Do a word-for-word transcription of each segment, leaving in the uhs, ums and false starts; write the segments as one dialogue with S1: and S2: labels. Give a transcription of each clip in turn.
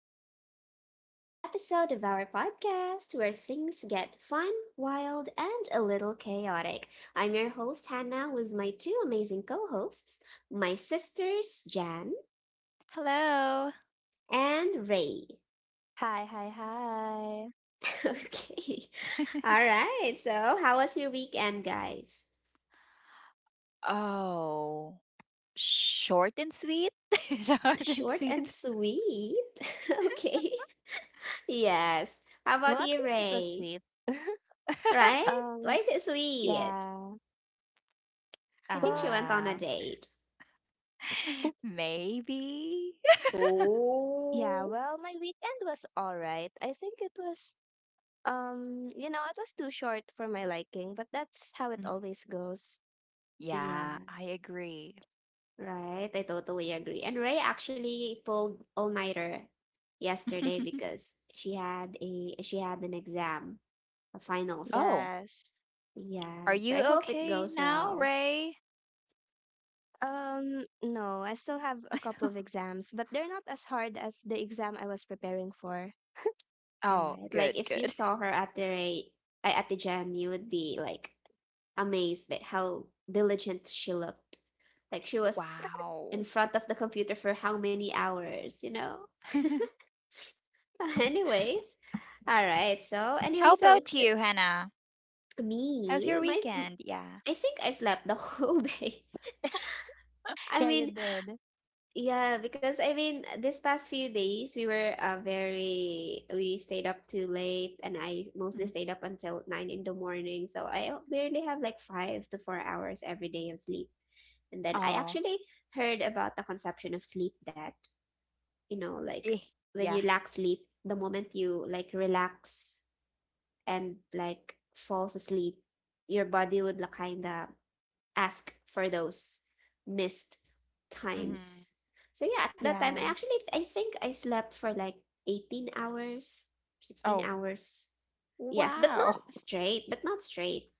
S1: Welcome back to another episode of our podcast where things get fun, wild, and a little chaotic. I'm your host, Hannah, with my two amazing co hosts, my sisters, Jan
S2: Hello.
S1: and Ray.
S3: Hi, hi, hi.
S1: Okay. All right. So, how was your weekend, guys?
S2: Oh, short and sweet? Short and
S1: Short and
S2: sweet.
S1: sweet. Okay. Yes. How
S3: Well,
S1: about
S3: at
S1: you,
S3: least it was
S1: Ray?
S3: sweet.
S1: Right? Why
S3: Um,
S1: is it sweet?
S3: yeah.
S1: I think she
S3: Well,
S1: went on a
S2: Uh,
S1: date.
S2: maybe.
S3: yeah,
S1: Oh,
S3: well, my weekend was all right. I think it was um, you know, it was too short for my liking, but that's how it
S2: Mm,
S3: always goes.
S1: yeah,
S2: Yeah, I agree.
S1: right. I totally agree. And Ray actually pulled all-nighter yesterday because she had a she had an exam, a finals.
S2: Oh,
S3: Yes.
S2: are
S1: Yes,
S2: you
S1: I hope it
S2: okay
S1: goes
S2: now,
S1: well.
S2: Ray?
S3: Um, no, I still have a couple of exams, but they're not as hard as the exam I was preparing for.
S2: Oh,
S1: Right. Like
S2: good,
S1: if you
S2: good.
S1: saw her at the Ray, uh, at the Jen, you would be like amazed by how diligent she looked. Like she was in
S2: Wow.
S1: front of the computer for how many hours, you know? Anyways, all right. So
S2: How
S1: anyway, so
S2: about
S1: th-
S2: you, Hannah? How's
S1: me,
S2: your
S1: my
S2: weekend? Yeah.
S1: I think I slept the whole day. I
S3: Yeah, you
S1: mean,
S3: did.
S1: yeah, because I mean, this past few days we were uh, very we stayed up too late, and I mostly
S2: Mhm.
S1: stayed up until nine in the morning. So I barely have like five to four hours every day of sleep. And then I
S2: Oh,
S1: actually heard about the conception of sleep that, you know, like
S2: eh,
S1: when
S2: yeah.
S1: you lack sleep, the moment you like relax and like falls asleep, your body would like, kinda ask for those missed
S2: hmm
S1: times. So yeah, at that time I
S3: Yeah.
S1: actually I think I slept for like eighteen hours, sixteen
S2: Oh,
S1: hours. Yes, but not
S2: wow.
S1: straight, but not straight.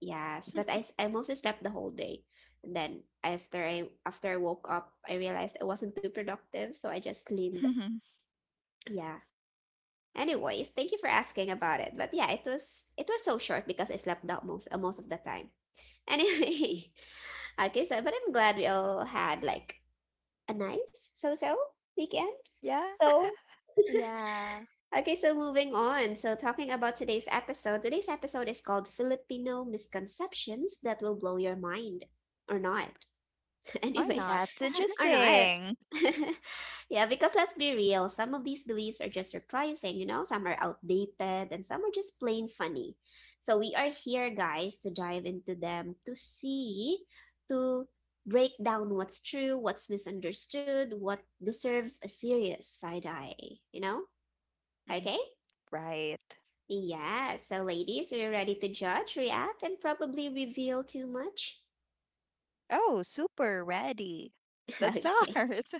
S1: Yes, but I s- I mostly slept the whole day. And then after I after I woke up, I realized I wasn't too productive, so I just cleaned.
S2: Mhm.
S1: Yeah, anyways, thank you for asking about it. But yeah, it was it was so short because I slept out most uh, most of the time. Anyway, okay, so but I'm glad we all had like a nice so-so weekend.
S2: Yeah.
S1: So
S3: Yeah.
S1: okay, so moving on. So talking about today's episode. Today's episode is called Filipino misconceptions that will blow your mind or not,
S3: Or
S1: anyway,
S3: not.
S2: That's
S1: or not.
S2: interesting.
S1: Yeah, because let's be real, some of these beliefs are just surprising, you know, some are outdated, and some are just plain funny. So we are here, guys, to dive into them, to see, to break down what's true, what's misunderstood, what deserves a serious side eye, you know?
S2: Mm,
S1: Okay?
S2: Right.
S1: Yeah, so ladies, are you ready to judge, react, and probably reveal too much?
S2: Oh, super ready. Let's start.
S1: Okay.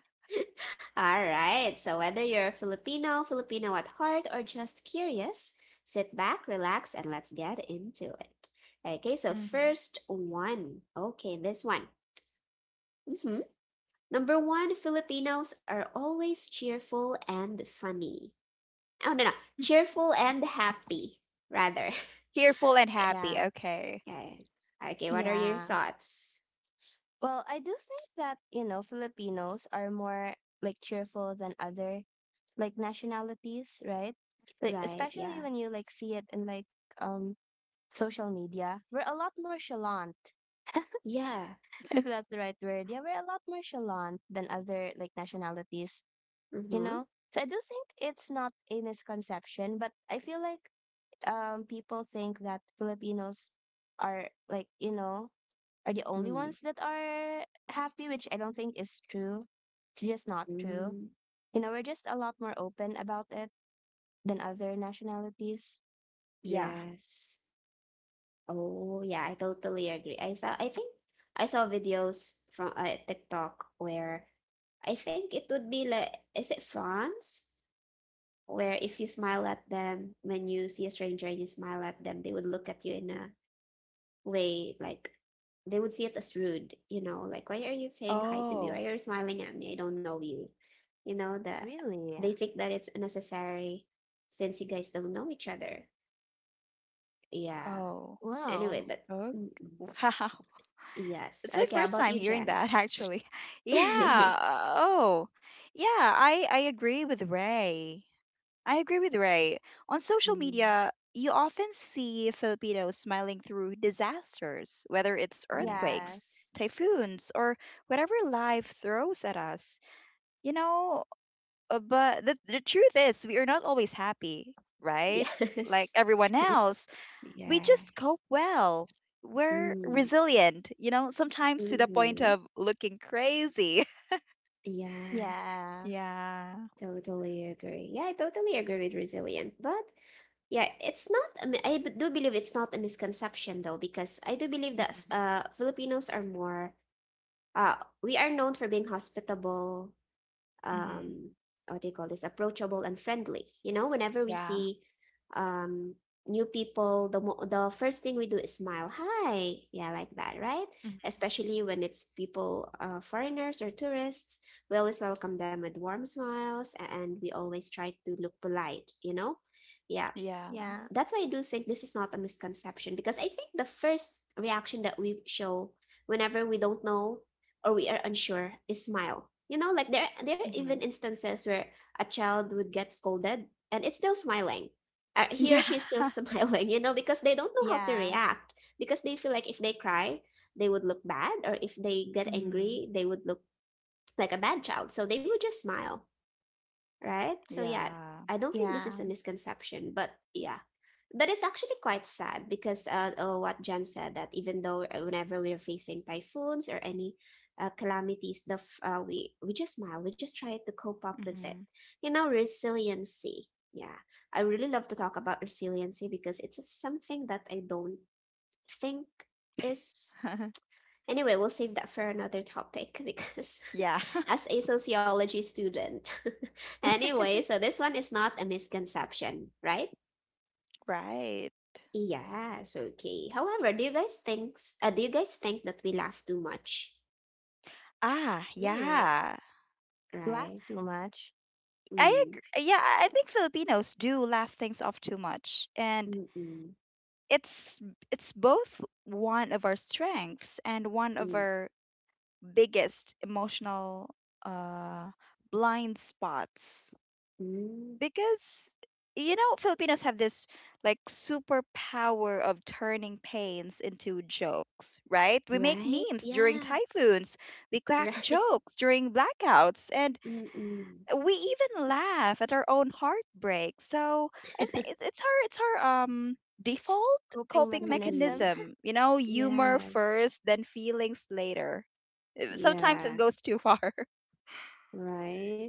S1: All right, so whether you're a Filipino, Filipino at heart, or just curious, sit back, relax, and let's get into it. Okay, so
S2: hmm
S1: first one. Okay, this one. Hmm. Number one, Filipinos are always cheerful and funny. Oh, no, no. Cheerful and happy, rather.
S2: Cheerful and
S1: Okay.
S2: happy.
S3: Yeah.
S2: Okay.
S1: Okay, okay, what are your
S3: Yeah.
S1: thoughts?
S3: Well, I do think that, you know, Filipinos are more like cheerful than other like nationalities, right? Like
S1: Right, yeah.
S3: especially when you like see it in like um social media. We're a lot more chalant,
S1: Yeah.
S3: if that's the right word. Yeah, we're a lot more chalant than other like nationalities, you
S1: Mm-hmm.
S3: know? So I do think it's not a misconception, but I feel like um people think that Filipinos are like, you know, are the only
S1: Mm-hmm.
S3: ones that are happy, which I don't think is true. It's just not true.
S1: Mm-hmm.
S3: You know, we're just a lot more open about it than other nationalities.
S2: Yeah.
S1: Yes. Oh, yeah, I totally agree. I saw, I think I saw videos from uh, TikTok where I think it would be like, is it France? Where if you smile at them, when you see a stranger and you smile at them, they would look at you in a way like they would see it as rude, you know, like, why are you saying hi to me?
S2: Oh.
S1: Why are you smiling at me? I don't know you. You know, that
S3: Really?
S1: they think that it's necessary since you guys don't know each other. Yeah.
S2: Oh.
S1: Anyway,
S3: Wow.
S1: but
S2: Okay.
S1: mm, mm.
S2: Wow.
S1: Yes.
S2: It's my
S1: Okay, how
S2: first
S1: about
S2: time
S1: you,
S2: hearing
S1: Jen?
S2: that actually. Yeah. uh, Oh. Yeah, I I agree with Ray. I agree with Ray. On social
S1: Mm,
S2: media, you often see Filipinos smiling through disasters, whether it's earthquakes,
S3: Yes.
S1: yes.
S2: typhoons, or whatever life throws at us. You know, uh, but the, the truth is, we are not always happy, right? Like
S1: Yes.
S2: everyone
S3: Y-
S2: else, we
S1: Yeah.
S2: just cope well. We're
S1: Mm.
S2: resilient, you know, sometimes to the point
S1: Mm-hmm.
S2: of looking crazy.
S1: Yeah.
S3: Yeah.
S2: Yeah.
S1: Totally agree. Yeah, I totally agree with resilient. But yeah, it's not, I mi- I b- do believe it's not a misconception though, because I do believe that
S2: Mm-hmm.
S1: uh, Filipinos are more, uh, we are known for being hospitable,
S2: Mm-hmm.
S1: um, what do you call this, approachable and friendly, you know, whenever we
S2: Yeah.
S1: see um new people, the mo- the first thing we do is smile, hi, yeah, like that, right,
S2: Mm-hmm.
S1: especially when it's people, uh, foreigners or tourists, we always welcome them with warm smiles and we always try to look polite, you know, yeah,
S2: Yeah.
S3: Yeah.
S1: that's why I do think this is not a misconception because I think the first reaction that we show whenever we don't know or we are unsure is smile. You know, like there there are even instances where a child would get scolded and it's still smiling. Uh,
S2: Yeah.
S1: He or she is still smiling, you know, because they don't know how to
S3: Yeah.
S1: react because they feel like if they cry, they would look bad, or if they get
S2: Mhm.
S1: angry, they would look like a bad child. So they would just smile, right? So yeah,
S2: Yeah.
S1: I don't think this is a
S3: Yeah.
S1: misconception, but yeah, but it's actually quite sad because uh, uh what Jen said, that even though uh, whenever we're facing typhoons or any uh, calamities, the f- uh, we we just smile, we just try to cope up with it.
S2: Mhm.
S1: You know, resiliency. Yeah, I really love to talk about resiliency because it's something that I don't think is. Anyway, we'll save that for another topic because
S2: yeah.
S1: as a sociology student. Anyway, so this one is not a misconception, right?
S2: Right.
S1: Yes, okay. However, do you guys think s- uh, do you guys think that we laugh too much?
S2: Ah,
S3: Really?
S2: yeah.
S1: Right?
S3: Laugh too much?
S2: I
S1: Mm.
S2: agree. Yeah, I I think Filipinos do laugh things off too much, and
S1: Mm-mm. Mm.
S2: it's it's both one of our strengths and one of
S1: Mm.
S2: our biggest emotional uh blind spots.
S1: Mm.
S2: Because, you know, Filipinos have this, like, superpower of turning pains into jokes, right? We make
S1: Right?
S2: memes during
S1: Yeah.
S2: typhoons, we crack
S1: Right.
S2: jokes during blackouts, and
S1: Mm-mm.
S2: we even laugh at our own heartbreak. So I think it- it's our it's our um default
S3: Coping
S2: coping
S3: mechanism?
S1: Mm-mm.
S2: mechanism, you know, humor
S1: Yes.
S2: first, then feelings later. Uh, Sometimes it
S1: Yeah.
S2: goes too far.
S1: Right?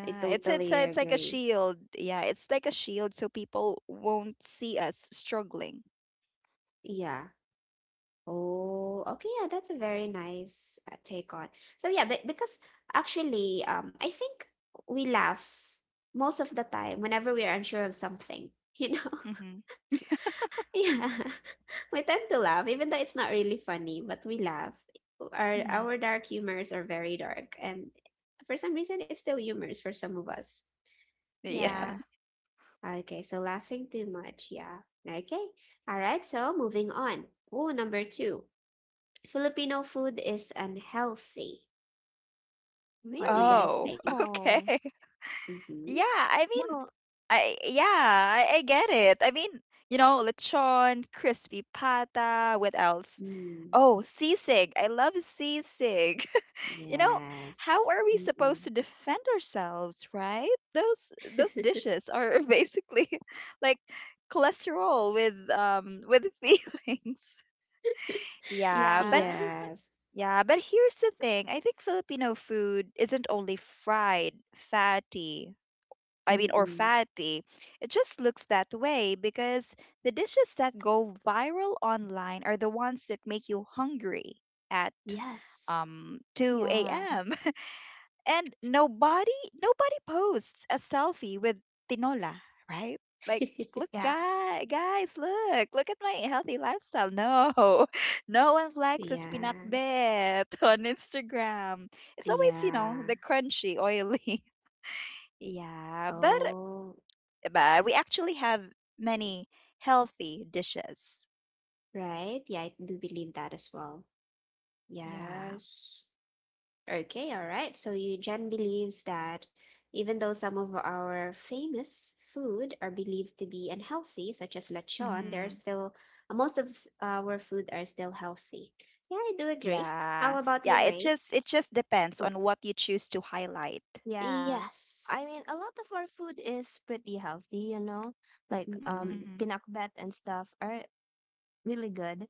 S1: I
S2: it's it's
S1: totally
S2: a, it's like a
S1: agree.
S2: shield. Yeah, it's like a shield so people won't see us struggling.
S1: Yeah. Oh, okay, yeah, that's a very nice uh, take on. So yeah, but because actually, um, I think we laugh most of the time whenever we are unsure of something, you know?
S2: Mhm.
S1: Yeah, we tend to laugh, even though it's not really funny, but we laugh. Our our
S2: Mhm.
S1: dark humors are very dark, and for some reason, it's still humors for some of us.
S2: Yeah.
S3: Yeah.
S1: Yeah. Okay, so laughing too much, yeah. Okay. All right, so moving on. Oh, number two. Filipino food is unhealthy. What do you
S3: Really?
S2: Oh,
S1: guys think?
S2: okay.
S3: No.
S2: Yeah,
S1: Mm-hmm.
S2: I mean,
S3: No.
S2: I yeah, I, I get it. I mean, you know, lechon, crispy pata, what else?
S1: Mm.
S2: Oh, sisig. I love sisig. You know, how
S1: Yes.
S2: are we supposed
S1: Mm-mm.
S2: to defend ourselves, right? Those those dishes are basically like cholesterol with um with feelings, yeah but
S3: Yeah.
S1: Yes.
S2: yeah but here's the thing. I think Filipino food isn't only fried, fatty, I mean, or
S1: Mm-mm.
S2: fatty. It just looks that way because the dishes that go viral online are the ones that make you hungry at
S1: Yes.
S2: um
S3: Yeah.
S2: two a m a.m. And nobody nobody posts a selfie with tinola, right? Like, look,
S3: Yeah.
S2: guy guys, look, look at my healthy lifestyle. No. No one flexes
S1: Yeah.
S2: pinakbet on Instagram. It's always, you know,
S1: Yeah.
S2: the crunchy, oily. yeah, but
S1: Oh,
S2: but we actually have many healthy dishes.
S1: right. Yeah, I do believe that as well.
S2: Yeah.
S1: Yes. Okay, all right. So Jen believes that even though some of our famous food are believed to be unhealthy, such as lechon, there are
S2: hmm
S1: still uh, most of s- our food are still healthy. Yeah, I do agree.
S2: Yeah.
S1: How about you,
S2: Yeah, it
S1: Ray?
S2: just it just depends
S1: Oh,
S2: on what you choose to highlight.
S3: Yeah. I
S1: yes.
S3: mean, a lot of our food is pretty healthy, you know, like
S2: hmm
S3: um
S1: Mm-mm,
S3: pinakbet and stuff are really good.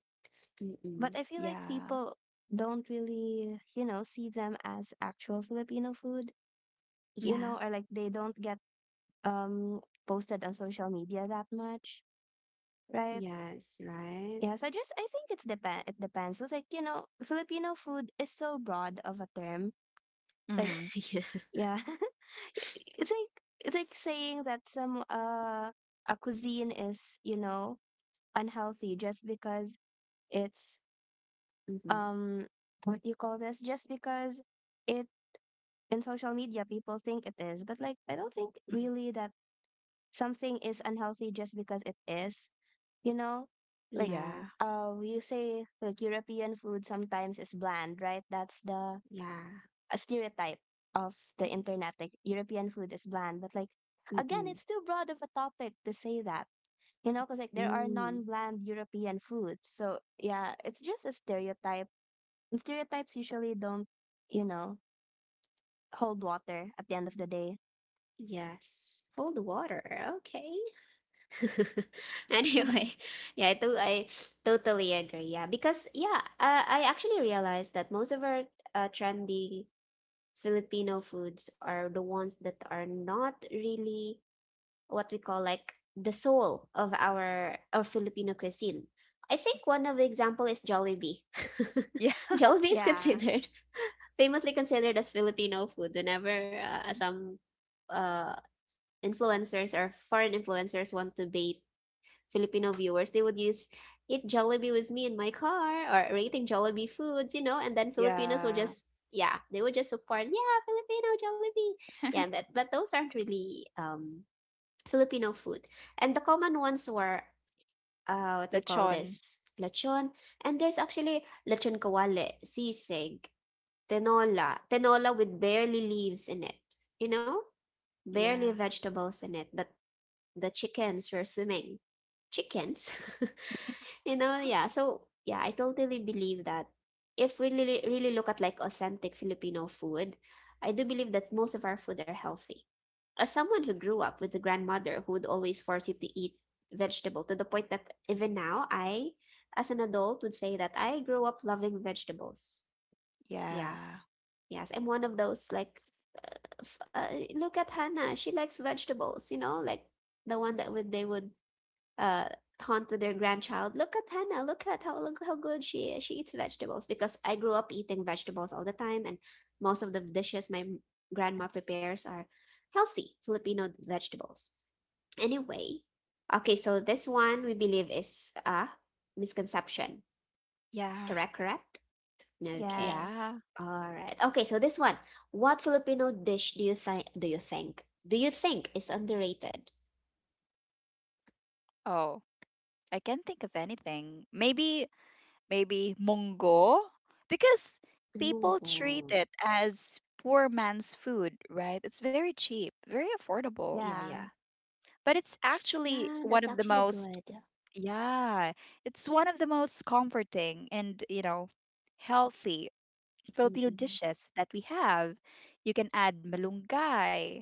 S1: mm-mm.
S3: But I feel like
S2: Yeah.
S3: people don't really, you know, see them as actual Filipino food, you
S1: Yeah.
S2: Mm-hmm.
S3: know, or like they don't get um posted on social media that much, right?
S1: Yes, right.
S3: Yeah, so I just I think it's depend it depends. It's like, you know, Filipino food is so broad of a term. Like,
S2: Mm-hmm.
S1: Yeah.
S3: yeah. it's like it's like saying that some uh a cuisine is you know unhealthy just because it's
S1: Mm-hmm.
S3: um what do you call this, just because it in social media people think it is, but like I don't think
S2: Mm-hmm.
S3: really that something is unhealthy just because it is, you know like
S1: Yeah,
S2: Yeah.
S3: uh you say, like, European food sometimes is bland, right? That's the
S1: yeah.
S3: a stereotype of the
S2: Mhm.
S3: internet, like European food is bland. But like again,
S1: Mm-mm.
S3: it's too broad of a topic to say that. You know, because like there are
S1: Mm.
S3: non-bland European foods. So yeah, it's just a stereotype. And stereotypes usually don't, you know, hold water at the end of the day.
S1: Yes. Cold water. Okay.
S3: Yeah.
S1: Anyway, yeah, I do. I totally agree. Yeah, because yeah, uh, I actually realized that most of our uh, trendy Filipino foods are the ones that are not really what we call like the soul of our our Filipino cuisine. I think one of the example is Jollibee.
S2: Yeah.
S1: Jollibee is
S3: Yeah.
S1: considered famously considered as Filipino food whenever uh, some uh influencers or foreign influencers want to bait Filipino viewers, they would use eat Jollibee with me in my car or rating Jollibee foods, you know, and then Filipinos will
S2: Yeah.
S1: just, yeah, they would just support, yeah, Filipino Jollibee. Yeah, but but those aren't really um Filipino food. And the common ones were, uh, what do you call
S2: Lechon.
S1: this? Lechon. And there's actually lechon kawale, sisig, tenola, tenola with barely leaves in it. You know? Barely
S2: Yeah.
S1: vegetables in it, but the chickens were swimming chickens. You know, yeah. So, yeah, I totally believe that if we really, really look at like authentic Filipino food, I do believe that most of our food are healthy. As someone who grew up with a grandmother who would always force you to eat vegetable to the point that even now I, as an adult, would say that I grew up loving vegetables. Yeah.
S2: Yeah.
S1: Yes, I'm one of those like, f- uh, look at Hannah, she likes vegetables, you know, like the one that would they would, uh, taunt to their grandchild, look at Hannah, look at how, look how good she is. She eats vegetables because I grew up eating vegetables all the time, and most of the dishes my grandma prepares are healthy Filipino vegetables. Anyway, okay, so this one we believe is a misconception.
S2: Yeah.
S1: Correct, correct? Okay.
S3: Yes.
S2: Yeah.
S1: All right. Okay, so this one. What Filipino dish do you think do you think? Do you think is underrated?
S2: Oh, I can't think of anything. Maybe, maybe mongo? Because people
S1: Munggo.
S2: treat it as poor man's food, right? It's very cheap, very affordable.
S1: Yeah,
S3: Yeah.
S1: yeah.
S2: But it's actually
S1: Yeah,
S2: one
S1: that's
S2: of the
S1: actually
S2: most,
S1: good.
S2: yeah, it's one of the most comforting and, you know, healthy Filipino
S1: Mm-mm.
S2: dishes that we have. You can add malunggay.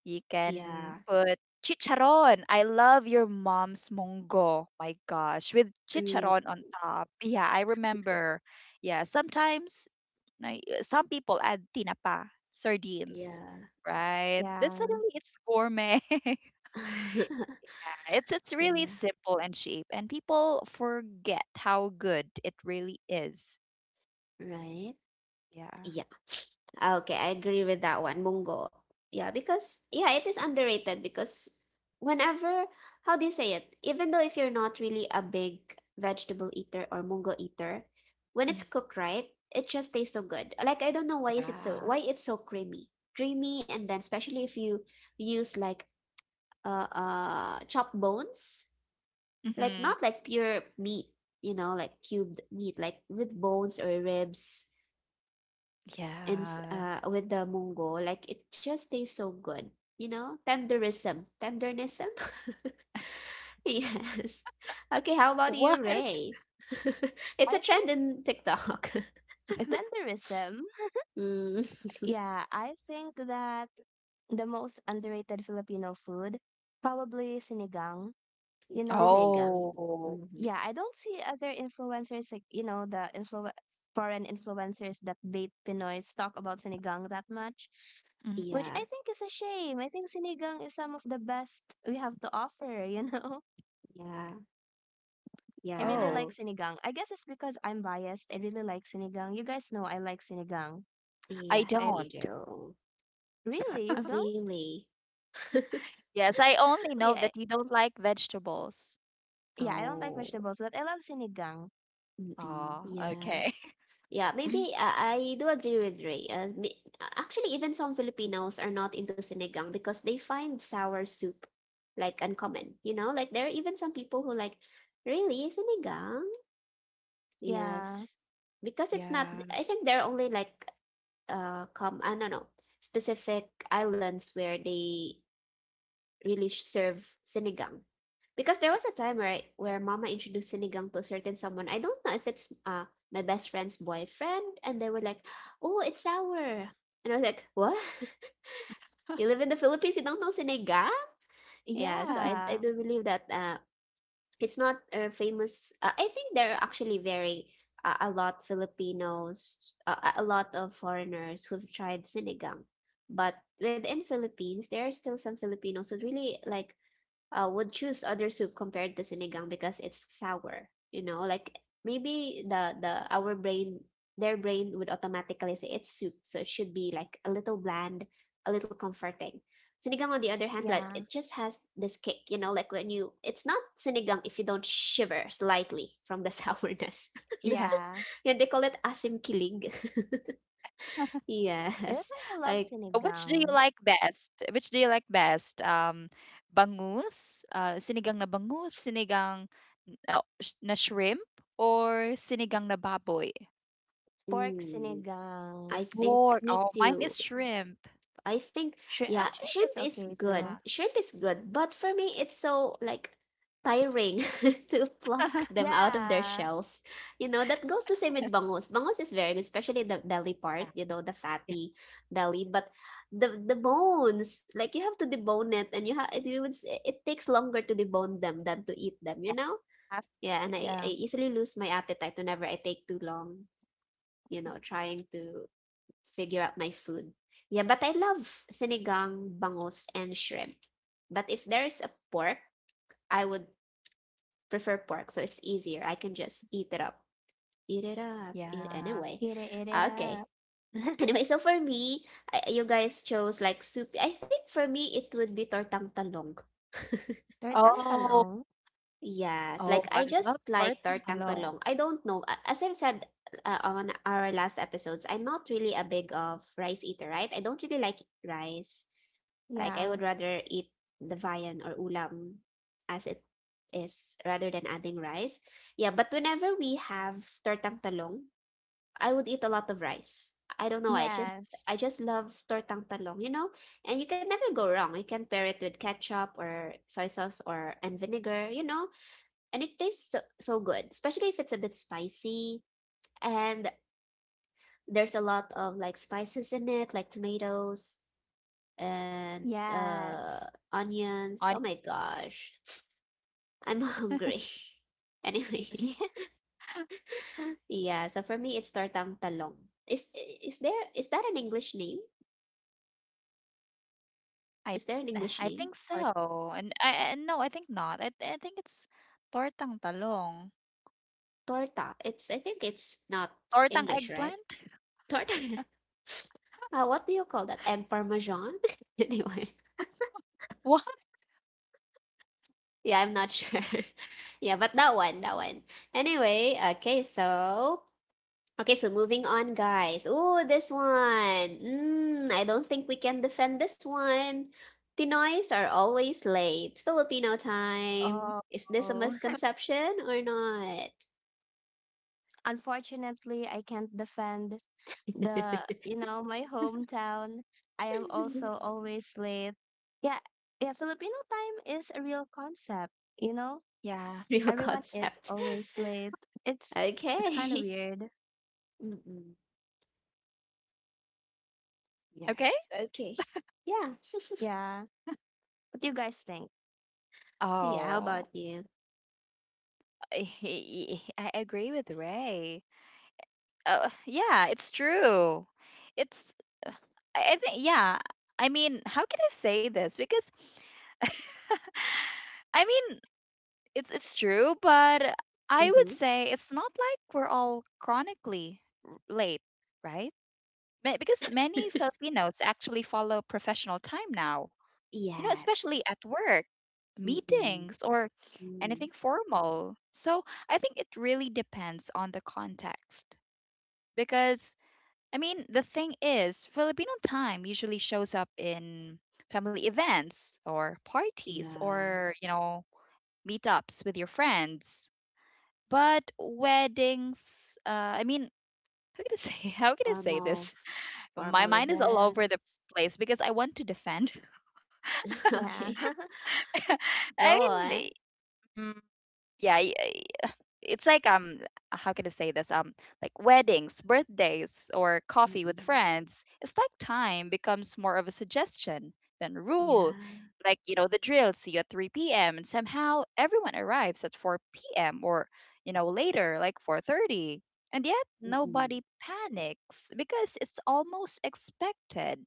S2: You can
S1: Yeah,
S2: put chicharon. I love your mom's munggo. My gosh, with
S1: for real.
S2: chicharon on top. Yeah, I remember. Yeah, sometimes, like, some people add tinapa, sardines,
S1: Yeah.
S2: right? Then
S3: Yeah.
S2: suddenly it's gourmet. Yeah, it's it's really
S1: Yeah,
S2: simple and cheap, and people forget how good it really is.
S1: right.
S2: Yeah.
S1: Yeah. Okay, I agree with that one, Munggo. Yeah, because yeah, it is underrated because whenever, how do you say it? Even though if you're not really a big vegetable eater or Munggo eater, when it's
S2: Mhm.
S1: cooked right, it just tastes so good. Like I don't know why is it so,
S2: Yeah.
S1: why it's so creamy. Creamy. And then especially if you use like uh uh chopped bones, like
S2: Mm-hmm.
S1: not like pure meat, you know, like cubed meat like with bones or ribs and s-
S2: Yeah.
S1: uh, with the mungo, like it just tastes so good, you know. Tenderism, tendernism. Yes. Okay, how about
S2: What?
S1: you, Ray?
S3: I
S1: It's a trend
S3: think
S1: in TikTok.
S3: tenderism.
S1: Mm.
S3: Yeah, I think that the most underrated Filipino food, probably sinigang. You know,
S1: Sinigang.
S2: Oh.
S1: Hmm.
S3: Yeah, I don't see other influencers like you know the influ- foreign influencers that bait Pinoys talk about sinigang that much,
S2: Mhm.
S3: which
S1: Yeah,
S3: I think is a shame. I think sinigang is some of the best we have to offer. You know,
S1: yeah.
S3: I really like
S1: Yes.
S2: Oh,
S3: sinigang. I guess it's because I'm biased. I really like sinigang. You guys know I like sinigang.
S2: I
S1: Yes,
S3: Right?
S1: we
S2: don't.
S1: do.
S3: Really, you
S1: Uh,
S3: don't
S1: really.
S2: Yes, I only know
S3: really. I,
S2: that you don't like vegetables.
S3: yeah, I don't like
S1: Oh.
S3: vegetables, but I love sinigang.
S1: Mm-mm.
S2: Oh, okay.
S1: Yes. Yeah, maybe uh, I do agree with Ray. Uh, mi- uh, actually, even some Filipinos are not into sinigang because they find sour soup like uncommon. You know, like there are even some people who like, really, sinigang?
S3: Yeah,
S1: Yes. Because it's not,
S2: Yeah.
S1: I think there are only like, uh, come, I don't know, specific islands where they really serve sinigang. Because there was a time, right, where mama introduced sinigang to a certain someone. I don't know if it's uh my best friend's boyfriend, and they were like, "Oh, it's sour." And I was like, "What? You live in the Philippines, you don't know sinigang?" Yeah, so I I
S3: yeah,
S1: do believe that uh it's not a famous uh, I think there are actually very uh, a lot Filipinos, uh, a a lot of foreigners who've tried sinigang. But within Philippines, there are still some Filipinos who really like uh, would choose other soup compared to sinigang because it's sour. You know, like maybe the the our brain, their brain would automatically say it's soup, so it should be like a little bland, a little comforting. Sinigang, on the other hand, like it
S3: yeah,
S1: just has this kick. You know, like when you, it's not sinigang if you don't shiver slightly from the sourness.
S2: Yeah.
S3: yeah.
S1: Yeah, they call it asim kilig.
S3: That's
S1: Yes,
S3: why I love
S1: like
S2: Which do you
S3: sinigang.
S2: like best? Which do you like best? Um, Bangus, uh, sinigang na bangus, sinigang uh, sh- na shrimp, or sinigang na baboy?
S3: Pork
S1: mm,
S3: sinigang.
S1: I think
S2: Pork.
S1: me
S2: Oh, mine
S1: too.
S2: is shrimp.
S1: I think
S3: Shri
S1: yeah,
S3: ah, shrimp
S1: shrimp
S3: is
S1: is
S3: okay
S1: good.
S3: too.
S2: Yeah.
S1: Shrimp is good, but for me it's so like tiring to pluck them out of their
S3: Yeah,
S1: shells. You know, that goes the same with bangus. Bangus is very good, especially the belly part,
S2: Yeah.
S1: you know, the
S2: Yeah.
S1: fatty belly, but the the bones, like you have to debone it and you have it, would s- it takes longer to debone them than to eat them, you
S2: Yeah.
S1: know? Yeah,
S2: Asshole.
S1: and I, I
S2: Yeah.
S1: easily lose my appetite whenever I take too long, you know, trying to figure out my food. Yeah, but I love sinigang, bangus, and shrimp. But if there's a pork, I would prefer pork, so it's easier. I can just eat it up. Eat it up. Eat
S2: Yeah.
S1: anyway.
S3: eat it, eat it
S1: Ah, okay.
S3: up.
S1: Anyway, so for me, I- you guys chose like soup. I think for me it would be tortang talong.
S3: Tortang
S2: Oh,
S3: talong?
S1: Yes, like
S2: oh, I
S1: I just
S2: love
S1: like
S2: Gordon
S1: tortang
S2: Talong.
S1: tulong. I don't know. a- As I've said uh, on our last episodes, I'm not really a big of rice eater, right? I don't really like rice. Like I would
S3: Yeah.
S1: rather eat the viand or ulam as it is rather than adding rice. Yeah, but whenever we have tortang talong, I would eat a lot of rice. I don't know why. I just
S3: Yes.
S1: I just love tortang talong, you know? And you can never go wrong. You can pair it with ketchup or soy sauce or and vinegar, you know? And it tastes so, so good, especially if it's a bit spicy and there's a lot of like spices in it, like tomatoes and uh
S3: Yes.
S1: onions. Oh
S2: I,
S1: my gosh, I'm hungry. Anyway, yeah, so for me it's tortang talong. Is is there is that an English name? Is
S2: I,
S1: there an English
S2: I
S1: name
S2: think
S1: for
S2: so. And I, I- no, I think not. I, I think it's tortang talong.
S1: torta? It's I think it's not
S2: Tortang
S1: English, right?
S2: eggplant?
S1: Torta. Uh, what do you call that? Egg parmesan? Anyway.
S2: What?
S1: Yeah, I'm not sure. Yeah, but that one, that one. Anyway, okay, so okay, so moving on, guys. Ooh, this one. Mm, I don't think we can defend this one. Pinoys are always late. Filipino time. Is this a
S3: Oh,
S1: misconception or not?
S3: unfortunately, I can't defend the, you know, my hometown. I am also always late. Yeah, yeah, Filipino time is a real concept, you know?
S2: Yeah.
S1: Real
S3: Everyone is
S1: concept.
S3: always late. It's it's kind of
S1: Okay.
S3: weird.
S1: Mm-mm.
S2: Okay.
S1: Yes. Okay. Yeah.
S3: Yeah. What do you guys think?
S1: Yeah. How
S2: Oh,
S1: about you?
S2: I, I agree with Ray. Uh, yeah, it's true. It's, uh, I, I think, yeah. I mean, how can I say this? Because I mean, It's it's true, but I would
S1: Mm-hmm.
S2: say it's not like we're all chronically r- late, right? Ma- Because many Filipinos actually follow professional time now, you know,
S1: Yes.
S2: especially at work,
S1: Mm,
S2: meetings, or
S1: mm,
S2: anything formal. So I think it really depends on the context. Because, I mean, the thing is, Filipino time usually shows up in family events or parties
S1: yeah,
S2: or, you know, meetups with your friends, but weddings, uh, I mean, how can I say how can I say
S1: formal
S2: this? My
S1: formal
S2: mind is all over the
S1: events.
S2: place because I want to defend.
S3: Yeah.
S1: Okay, go
S2: I mean,
S1: on.
S2: eh, mm, yeah, y- it's like um how can I say this, um like weddings, birthdays, or coffee with
S1: Mm-mm.
S2: friends. It's like time becomes more of a suggestion than a rule.
S1: Yeah.
S2: Like, you know, the drill. See you at three p m and somehow everyone arrives at four p m, or, you know, later, like four thirty. And yet
S1: Mm-mm.
S2: nobody panics because it's almost expected.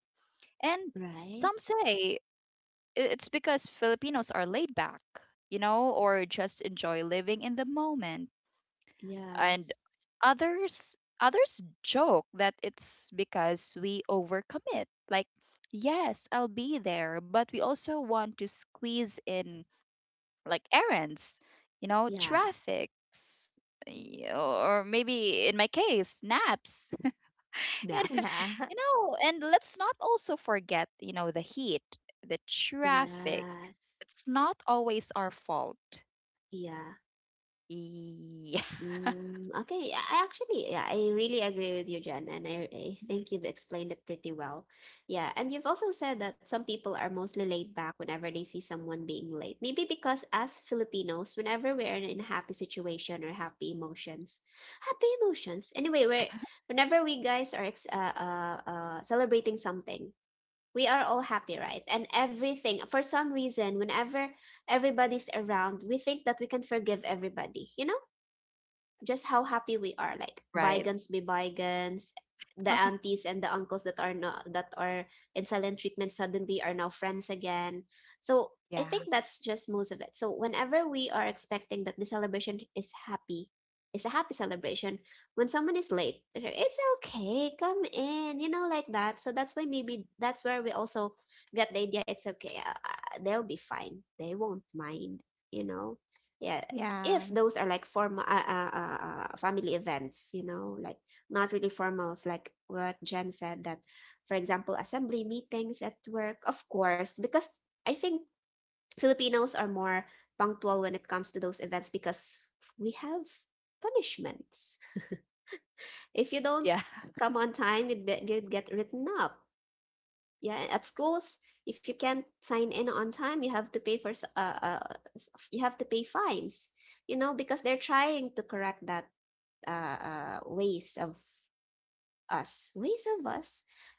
S2: And some
S1: Right?
S2: say, i- it's because Filipinos are laid back, you know, or just enjoy living in the moment. And
S1: Yes.
S2: others others joke that it's because we overcommit, like, yes, I'll be there, but we also want to squeeze in, like, errands, you know,
S1: Yeah.
S2: traffics, y- or maybe in my case, naps. And,
S1: Naps.
S3: Yeah.
S2: you know, and let's not also forget, you know, the heat, the traffic.
S1: Yes.
S2: It's not always our fault.
S1: Yeah.
S2: Yeah.
S1: Mm, okay, I I actually, yeah, I really agree with you, Jen, and I, I
S2: Mhm.
S1: think you've explained it pretty well. Yeah, and you've also said that some people are mostly laid back whenever they see someone being late. Maybe because as Filipinos, whenever we're in a happy situation or happy emotions, happy emotions. Anyway, we're whenever we guys are ex uh, uh, uh, celebrating something, we are all happy, right? And everything, for some reason, whenever everybody's around, we think that we can forgive everybody. You know just how happy we are, like
S2: Right.
S1: bygones be bygones. The aunties and the uncles that are not, that are in silent treatment suddenly are now friends again. So I
S2: Yeah,
S1: think that's just most of it. So whenever we are expecting that the celebration is happy, it's a happy celebration, when someone is late, like, it's okay, come in, you know, like that. So that's why maybe that's where we also get the idea, it's okay, uh, uh, they'll be fine, they won't mind, you know. Yeah,
S3: Yeah.
S1: if those are like formal uh, uh, uh, uh, family events, you know, like not really formals, like what Jen said, that for example assembly meetings at work, of course, because I think Filipinos are more punctual when it comes to those events, because we have punishments. If you
S2: yeah.
S1: don't come on time, you'd, be, you'd get written up. Yeah, at schools, if you can't sign in on time, you have to pay for s- uh, uh, s- you have to pay fines, you know, because they're trying to correct that uh, uh, ways of us, ways of us.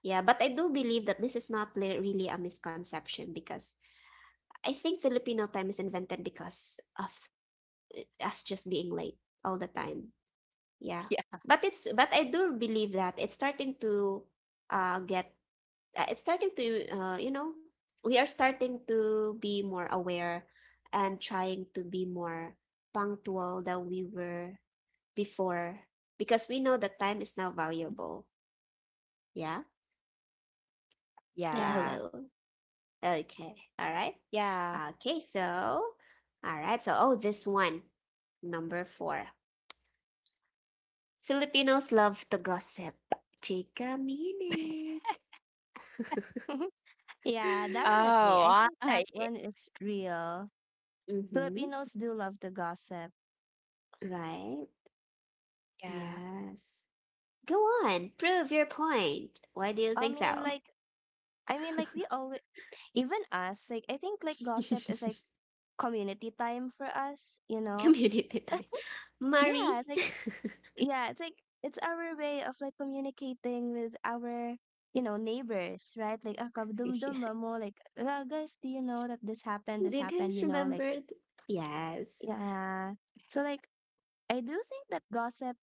S1: Yeah, but I do believe that this is not li- really a misconception, because I think Filipino time is invented because of us just being late all the time. Yeah. But it's, but I do believe that it's starting to uh get uh, it's starting to uh you know, we are starting to be more aware and trying to be more punctual than we were before, because we know that time is now valuable. Yeah.
S2: Yeah.
S1: Uh,
S3: Yeah.
S1: hello. Okay. All right.
S2: Yeah.
S1: Okay. So, all right. So, oh, this one. Number four. Filipinos love to gossip. Take a minute.
S3: Yeah,
S2: Oh,
S3: definitely. I think
S2: I
S3: that one is real.
S1: Mm-hmm.
S3: Filipinos do love to gossip.
S1: Right.
S2: yeah.
S1: Yes. Go on. Prove your point. Why do you
S3: I
S1: think
S3: mean,
S1: so?
S3: like, I mean, like, we always, even us, like, I think, like, gossip is like community time for us, you know?
S1: Community time.
S3: Yeah, it's
S1: Marie.
S3: like, yeah, it's like, it's our way of like communicating with our, you know, neighbors, right? Like, ah,
S1: Do
S3: kabdum-dum ba mo? Like, ah, guys, do you know that this happened? This
S1: you
S3: happened,
S1: guys
S3: you know? Like,
S1: remember? th- Yes.
S3: yeah. So, like, I do think that gossip,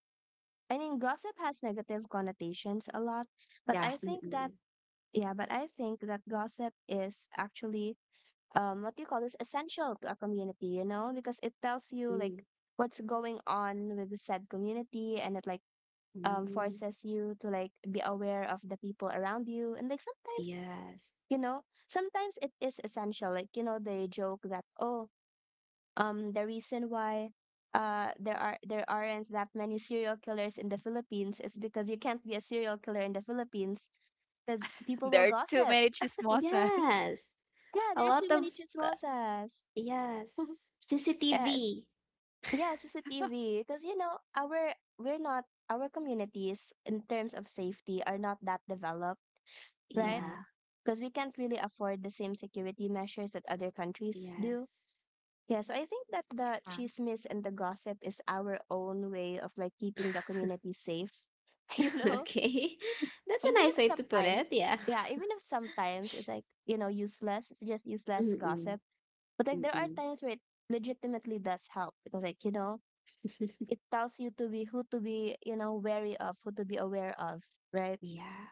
S3: I mean, gossip has negative connotations a lot, but
S2: Yeah.
S3: I think that,
S1: Mm-mm.
S3: yeah, but I think that gossip is actually, um, what do you call this, essential to a community, you know, because it tells you like what's going on with the said community, and it like, um,
S1: Mm-mm.
S3: forces you to like be aware of the people around you. And like sometimes,
S1: Yes.
S3: you know, sometimes it is essential. Like, you know, they joke that, oh, um the reason why uh there are there aren't that many serial killers in the Philippines is because you can't be a serial killer in the Philippines because people will
S2: There are too
S3: gossip.
S2: many chismosas.
S1: Yes,
S3: Yeah,
S1: a
S3: there are
S1: lot
S3: too
S1: of
S3: many
S1: c,
S3: chismosas.
S1: yes,
S3: Yes.
S1: C C T V.
S3: Yeah, C C T V. Because you know, our we're not our communities in terms of safety are not that developed, right?
S1: Yeah,
S2: Mm-hmm.
S3: Because we can't really afford the same security measures that other countries do.
S1: yes.
S3: Yeah, so I think that the
S2: Yeah.
S3: chismis and the gossip is our own way of like keeping the community safe, you know?
S1: Okay, that's a
S3: Even if
S1: nice way to put it,
S3: sometimes,
S1: yeah.
S3: yeah, even if sometimes it's like, you know, useless, it's just useless
S1: Mm-mm,
S3: gossip. But like there are
S1: mm-mm.
S3: times where it legitimately does help because like, you know, it tells you to be who to be, you know, wary of, who to be aware of, right?
S1: Yeah,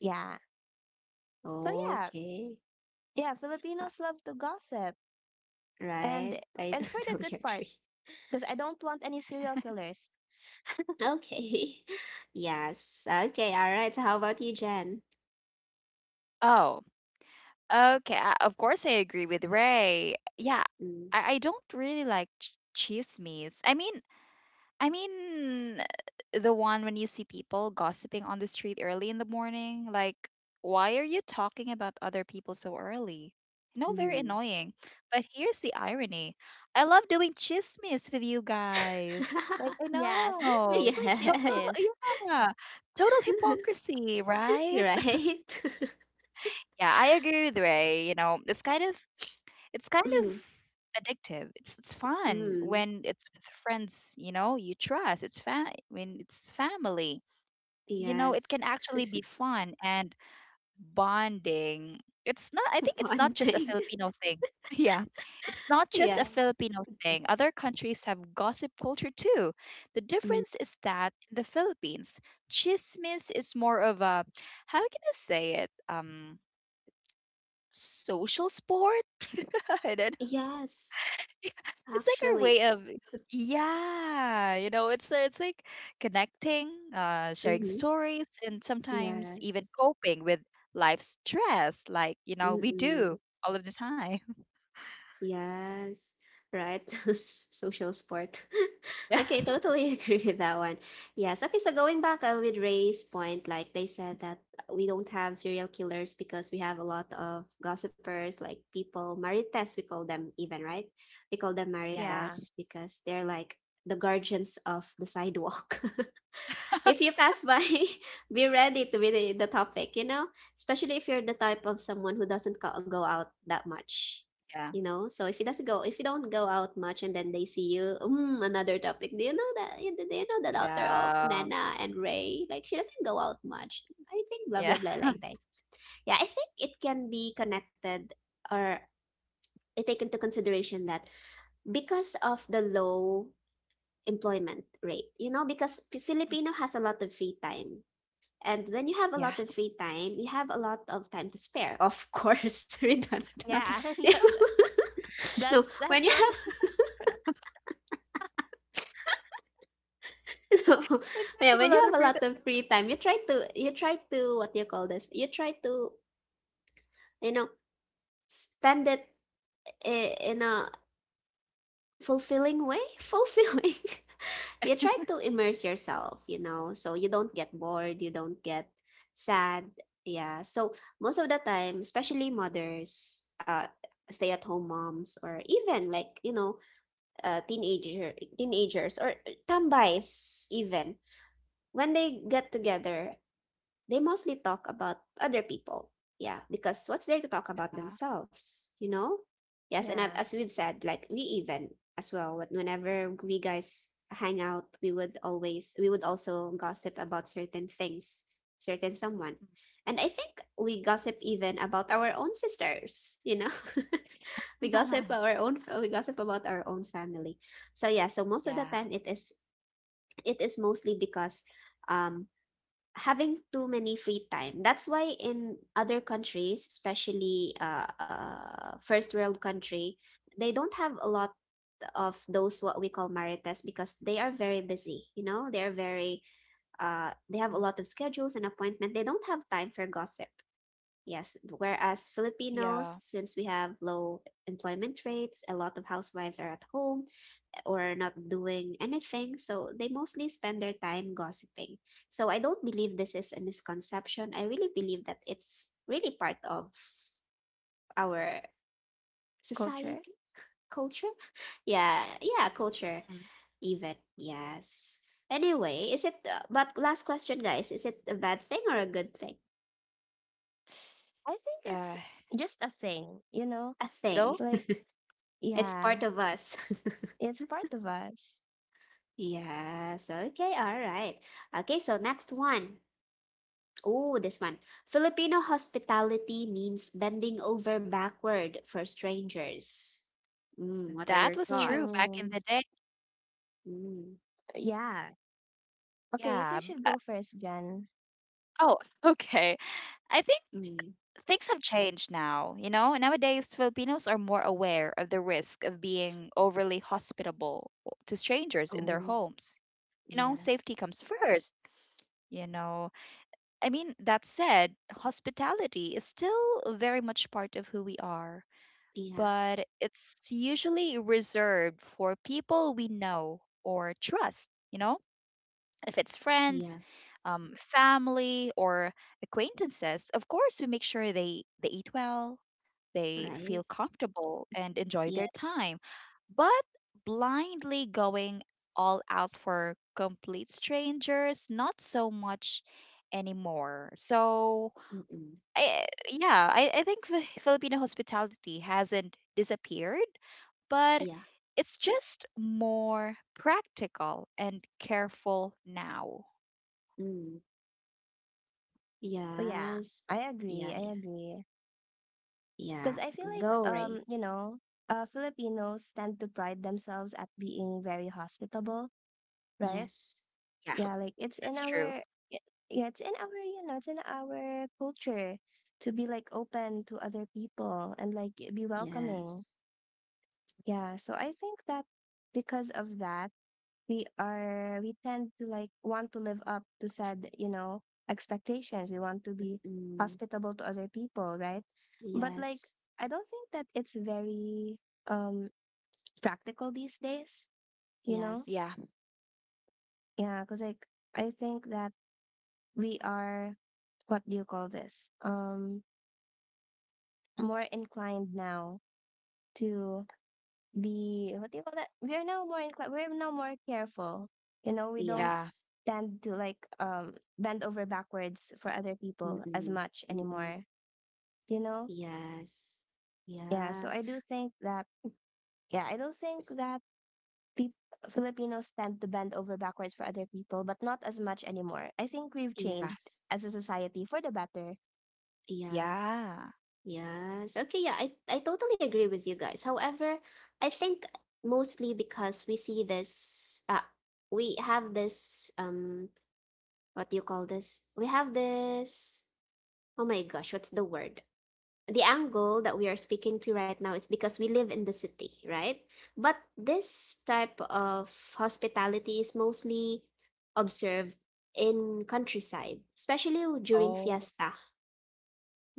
S3: Yeah. So yeah,
S1: Okay.
S3: yeah,
S1: Uh,
S3: Filipinos love to gossip.
S1: right.
S3: And
S1: I
S3: and for the
S1: totally
S3: good part,
S1: agree.
S3: because I don't want any serial killers.
S1: Okay. Yes. Okay. All right. So how about you, Jen?
S2: Oh, okay. I, of course, I agree with Ray. Yeah,
S1: Mm,
S2: I, I don't really like ch- chismes. I mean, I mean, the one when you see people gossiping on the street early in the morning, like, why are you talking about other people so early? No, very
S1: mm.
S2: annoying. But here's the irony. I love doing chismis with you guys. Like, I
S3: Yes, this is
S2: know.
S3: basically
S2: Total,
S1: Yes.
S3: chismis.
S2: yeah. Total hypocrisy, right?
S1: Right.
S2: Yeah, I agree with Ray. You know, it's kind of it's kind of addictive. It's it's fun
S1: Mm,
S2: when it's with friends, you know, you trust. It's fa- when it's family. You know, it
S1: yes.
S2: can actually be fun and bonding. It's not I think it's not just a
S1: Bonding.
S2: Filipino thing. Yeah. It's not just a
S1: Yes.
S2: Filipino thing. Other countries have gossip culture too. The
S1: Mm.
S2: difference is that in the Philippines, chismis is more of a, how can I say it, Um social sport. I don't.
S1: Yes,
S2: It's like our
S1: actually.
S2: way of, yeah, you know, it's it's like connecting, uh sharing
S1: Hmm.
S2: stories, and sometimes even
S1: Yes.
S2: coping with life's stress, like, you know, we
S1: Mm-mm.
S2: do all of the time.
S1: Yes, right. Social sport. Okay, totally agree with that one. Yes. Okay, so going back uh, with Ray's point, like they said that we don't have serial killers because we have a lot of gossipers, like people, marites, we call them even, right? We call them
S2: Yeah,
S3: Yeah.
S1: marites because they're like the guardians of the sidewalk. If you pass by, be ready to be the, the topic, you know? Especially if you're the type of someone who doesn't co- go out that much,
S2: yeah,
S1: you know? So if you doesn't go, if you don't go out much and then they see you, mm, another topic. Do you know that? Do you know the daughter of
S2: yeah,
S1: Nana and Ray? Like, she doesn't go out much. I think blah, blah,
S2: yeah,
S1: blah,
S2: yeah.
S1: like that. Yeah, I think it can be connected or take into consideration that because of the low employment rate, you know, because P- filipino has a lot of free time, and when you have a
S2: Yeah.
S1: lot of free time, you have a lot of time to spare. Of course, redundant.
S3: Yeah.
S1: No,
S3: that's
S1: when
S3: that's
S1: you
S3: what,
S1: have no,
S2: We
S1: yeah,
S2: have
S1: when
S2: a
S1: you
S2: lot of
S1: have a
S2: freedom.
S1: lot of free time, you try to, you try to, what do you call this? You try to, you know, spend it i- in a fulfilling way. Fulfilling. You try to immerse yourself, you know, so you don't get bored, you don't get sad. Yeah, so most of the time, especially mothers, uh, stay at home moms, or even like, you know, uh, teenager teenagers, or uh, tambais even, when they get together, they mostly talk about other people. Yeah, because what's there to talk about
S2: Yeah.
S1: themselves, you know? Yes, and I've,
S3: yeah,
S1: as we've said, like we even as well, when- whenever we guys hang out, we would always, we would also gossip about certain things, certain someone. And I think we gossip even about our own sisters, you know? We
S2: Mm.
S1: gossip our own, we gossip about our own family. So yeah, so most of the
S2: Yeah.
S1: time it is, it is mostly because um having too many free time. That's why in other countries, especially uh, uh, first world country, they don't have a lot of those what we call marites because they are very busy. You know, they are very uh,
S2: Mm.
S1: they have a lot of schedules and appointment. They don't have time for gossip. Yes, whereas
S2: Yeah.
S1: Filipinos, since we have low employment rates, a lot of housewives are at home or not doing anything. So they mostly spend their time gossiping. So I don't believe this is a misconception. I really believe that it's really part of our
S3: culture.
S1: society, culture. Yeah, yeah,
S2: Mhm.
S1: culture even. Yes. Anyway, is it uh, but last question guys, is it a bad thing or a good thing?
S3: I think
S2: uh
S3: it's just a thing, you know?
S1: A
S2: you know
S1: thing.
S3: Like
S1: It's
S3: yeah,
S1: part of us.
S3: it's part of us.
S1: Yes. Okay. All right. Okay. So next one. Oh, this one. Filipino hospitality means bending over backward for strangers. Mm, what are
S2: that
S1: your
S2: was true
S1: thoughts?
S2: back in
S3: Hmm.
S2: the day.
S1: Mm,
S3: Yeah. Okay, you
S2: Yeah,
S3: can
S2: b-
S3: should
S2: uh,
S3: go first, Jan.
S2: oh. Okay, I think
S1: mm.
S2: things have changed now, you know? Nowadays, Filipinos are more aware of the risk of being overly hospitable to strangers in their
S1: Oh,
S2: homes. You know, safety
S1: yes.
S2: comes first, you know? I mean, that said, hospitality is still very much part of who we are,
S1: Yeah.
S2: but it's usually reserved for people we know or trust, you know? If it's friends,
S1: Yes.
S2: um, family, or acquaintances, of course, we make sure they, they eat well, they
S1: Right?
S2: feel comfortable and enjoy
S1: Yeah.
S2: their time. But blindly going all out for complete strangers, not so much anymore. So,
S1: Mm-mm.
S2: I, yeah, I, I think Fi- Filipino hospitality hasn't disappeared, but
S1: Yeah.
S2: it's just more practical and careful now.
S1: Mm.
S3: Oh yeah,
S1: Yes.
S3: I agree.
S1: Yeah.
S3: I
S1: Yeah.
S3: agree. Because
S1: Yeah.
S3: I feel like
S1: Go, Ray.
S3: um, you know, uh, Filipinos tend to pride themselves at being very hospitable, right?
S1: Yes.
S2: Yeah,
S3: Yeah, like
S2: that's
S3: it's
S2: true.
S3: in our y- yeah it's in our you know it's in our culture to be like open to other people and like be
S1: Yes.
S3: welcoming. Yeah, so I think that because of that, we are we tend to like want to live up to said, you know expectations. We want to be
S1: Mm-mm.
S3: hospitable to other people, right? But like
S1: Yes.
S3: I don't think that it's very um practical these days, you know?
S1: Yes.
S2: Yeah,
S3: Yeah, because like I think that we are, what do you call this? Um, more inclined now to be, what do you call that? We are now more inclined. We're now more careful. You know, we don't
S2: yeah,
S1: Yes.
S3: tend to like um bend over backwards for other people as
S1: Mm-mm.
S3: much
S1: Mm-mm.
S3: anymore. You know,
S1: Yes.
S3: yeah.
S1: Yeah.
S3: So I do think that yeah, I do think that peop Filipinos tend to bend over backwards for other people, but not as much anymore. I think we've
S2: yeah,
S3: changed
S1: Yes.
S3: as a society for the better.
S1: Yeah.
S2: yeah.
S1: Yes. Okay, yeah, I, I totally agree with you guys. However, I think mostly because we see this uh we have this um what do you call this? We have this, oh my gosh, what's the word? The angle that we are speaking to right now is because we live in the city, right? But this type of hospitality is mostly observed in countryside, especially during
S2: Oh,
S1: fiesta.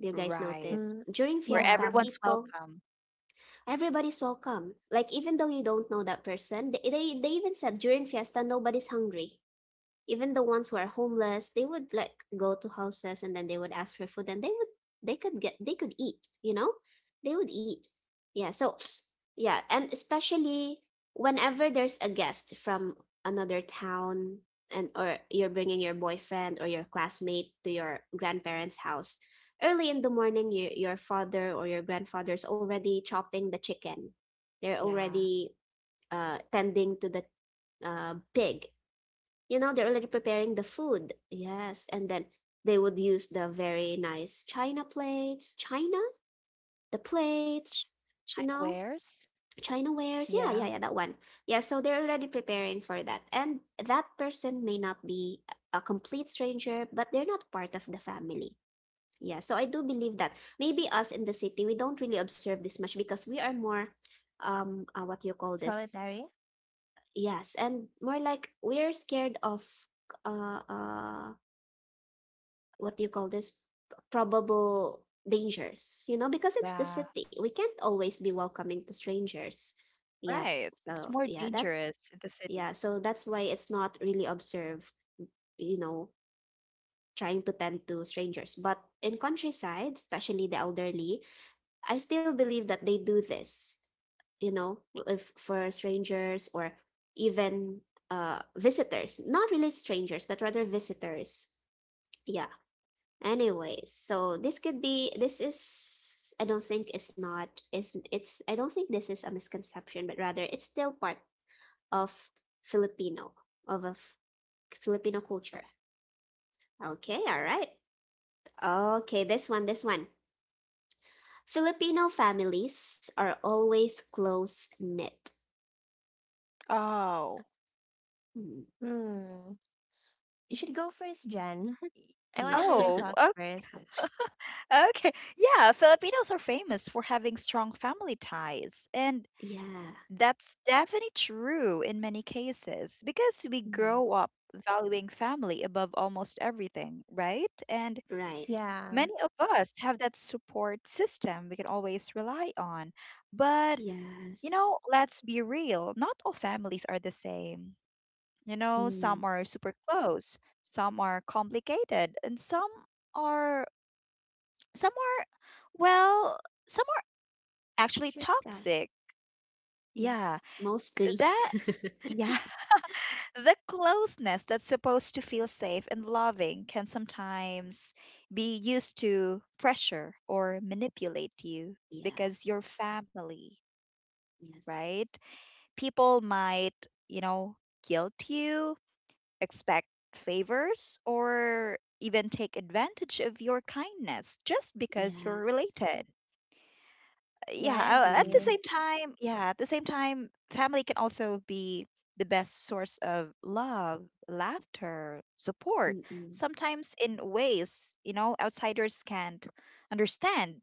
S1: Do you guys
S2: right.
S1: notice?
S3: Mm,
S1: During
S2: Where
S1: fiesta,
S3: yeah,
S2: everyone's
S1: people,
S2: welcome.
S1: everybody's welcome. Like even though you don't know that person, they, they, they even said during fiesta nobody's hungry. Even the ones who are homeless, they would like go to houses, and then they would ask for food, and they would they could get, they could eat, you know, they would eat. Yeah, so yeah, and especially whenever there's a guest from another town, and or you're bringing your boyfriend or your classmate to your grandparents house, early in the morning, you, your father or your grandfather's already chopping the chicken. They're
S2: Yeah.
S1: already uh, tending to the uh, pig. You know, they're already preparing the food. Yes, and then they would use the very nice china plates, china the
S2: Ch-
S1: plates, you
S2: China
S1: know,
S2: wares.
S1: china wares. Yeah,
S2: Yeah.
S1: yeah, yeah, that one. Yeah, so they're already preparing for that, and that person may not be a complete stranger, but they're not part of the family. Yeah, so I do believe that maybe us in the city, we don't really observe this much because we are more, um uh, what do you call this?
S3: solitary.
S1: Yes, and more like we're scared of, uh, uh what do you call this, probable dangers, you know, because it's the
S2: Yeah.
S1: city. We can't always be welcoming to strangers. Yes,
S2: Right. It's
S1: so
S2: more
S1: yeah, that.
S2: dangerous in the city.
S1: Yeah, so that's why it's not really observed, you know, trying to tend to strangers. But in countryside, especially the elderly, I still believe that they do this, you know, w- if for strangers, or even, uh, visitors, not really strangers but rather visitors. Yeah. Anyways, so this could be, this is, I don't think it's not it's it's I don't think this is a misconception, but rather it's still part of Filipino, of a f- Filipino culture. Okay, all right. Okay, this one, this one. Filipino families are always close knit.
S2: Oh.
S1: Mm,
S3: Hmm. You should go first, Jen. I want
S1: yeah,
S3: to hear your
S2: Oh,
S3: thoughts
S2: o-
S3: first.
S2: okay. Yeah, Filipinos are famous for having strong family ties, and
S1: yeah.
S2: that's definitely true in many cases because we
S1: Mm,
S2: grow up valuing family above almost everything, right? And
S1: right.
S3: Yeah.
S2: many of us have that support system we can always rely on. But, you
S1: Yes.
S2: know, let's be real, not all families are the same. You know, some
S1: Mm.
S2: are super close, some are complicated, and some are, some are, well, some are actually
S1: Just uh,
S2: toxic. Yeah,
S1: yes. Mostly.
S2: that, yeah, the closeness that's supposed to feel safe and loving can sometimes be used to pressure or manipulate you
S1: yeah.
S2: because your family,
S1: Yes.
S2: right? People might, you know, guilt you, expect favors, or even take advantage of your kindness just because you're
S1: Yes.
S2: related.
S3: Yeah,
S2: Yeah,
S3: I
S2: uh, at the
S3: agree.
S1: Mm.
S2: same time, yeah, at the same time, family can also be the best source of love, laughter, support,
S1: Mm-mm.
S2: sometimes in ways, you know, outsiders can't understand.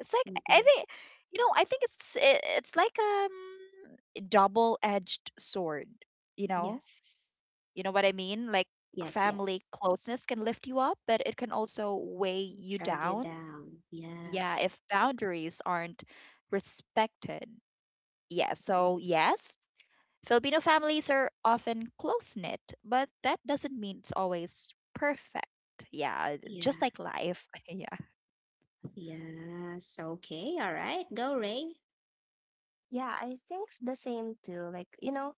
S2: It's like I
S1: Mm-mm.
S2: think, you know, I think it's i- it's like um double-edged sword, you know?
S1: Yes.
S2: You know what I mean? Like,
S1: Yes,
S2: family
S1: yes.
S2: closeness can lift you up, but it can also weigh you
S1: Drag you
S2: down.
S1: down. Yeah.
S2: Yeah, if boundaries aren't respected. Yeah, so
S1: Mm.
S2: yes, Filipino families are often close knit, but that doesn't mean it's always perfect. Yeah,
S1: Yeah.
S2: just like life. Yeah.
S1: Yes. Okay. All right. Go, Ray.
S3: Yeah, I think s- the same too. Like, you know,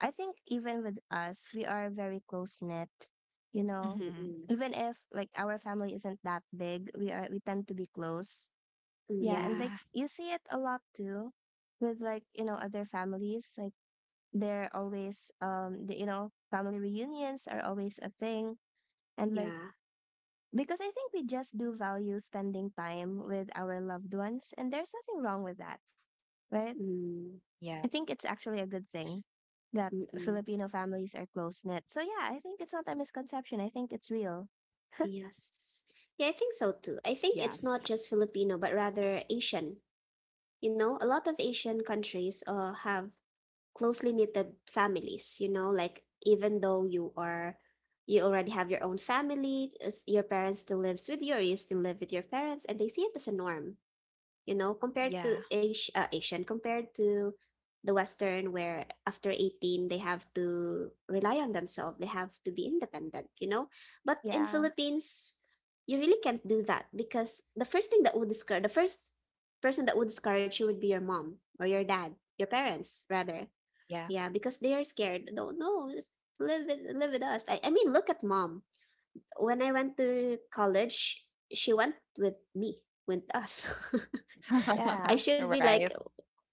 S3: I think even with us, we are very close knit, you know.
S2: hmm
S1: Mm-mm.
S3: Even if like our family isn't that big, we are we tend to be close. Yeah, and
S1: Mm-mm.
S3: like
S2: Yeah.
S3: you see it a lot too with like, you know, other families. Like they're always um the, you know, family reunions are always a thing. And like
S1: Yeah.
S3: Because I think we just do value spending time with our loved ones, and there's nothing wrong with that, right?
S1: Mm.
S2: Yeah.
S3: I think it's actually a good thing that
S1: Mm-mm.
S3: Filipino families are close knit. So, yeah, I think it's not a misconception. I think it's real.
S1: Yes. Yeah, I think so
S2: Yeah.
S1: too. I think it's not just Filipino, but rather Asian. You know, a lot of Asian countries uh have closely knitted families. You know, like even though you are, you already have your own family, as your parents still lives with you, or you still live with your parents, and they see it as a norm, you know, compared
S2: Yeah.
S1: to Asi- uh, asian compared to the western, where after eighteen they have to rely on themselves, they have to be independent, you know. But in
S3: Yeah,
S1: Philippines, you really can't do that, because the first thing that would discourage, the first person that would discourage you would be your mom or your dad, your parents rather.
S2: Yeah.
S1: Yeah, because they are scared. No, no, just live with live with us. I, I mean, look at mom. When I went to college, she went with me, with us. I
S3: yeah,
S1: should be like,
S2: Right.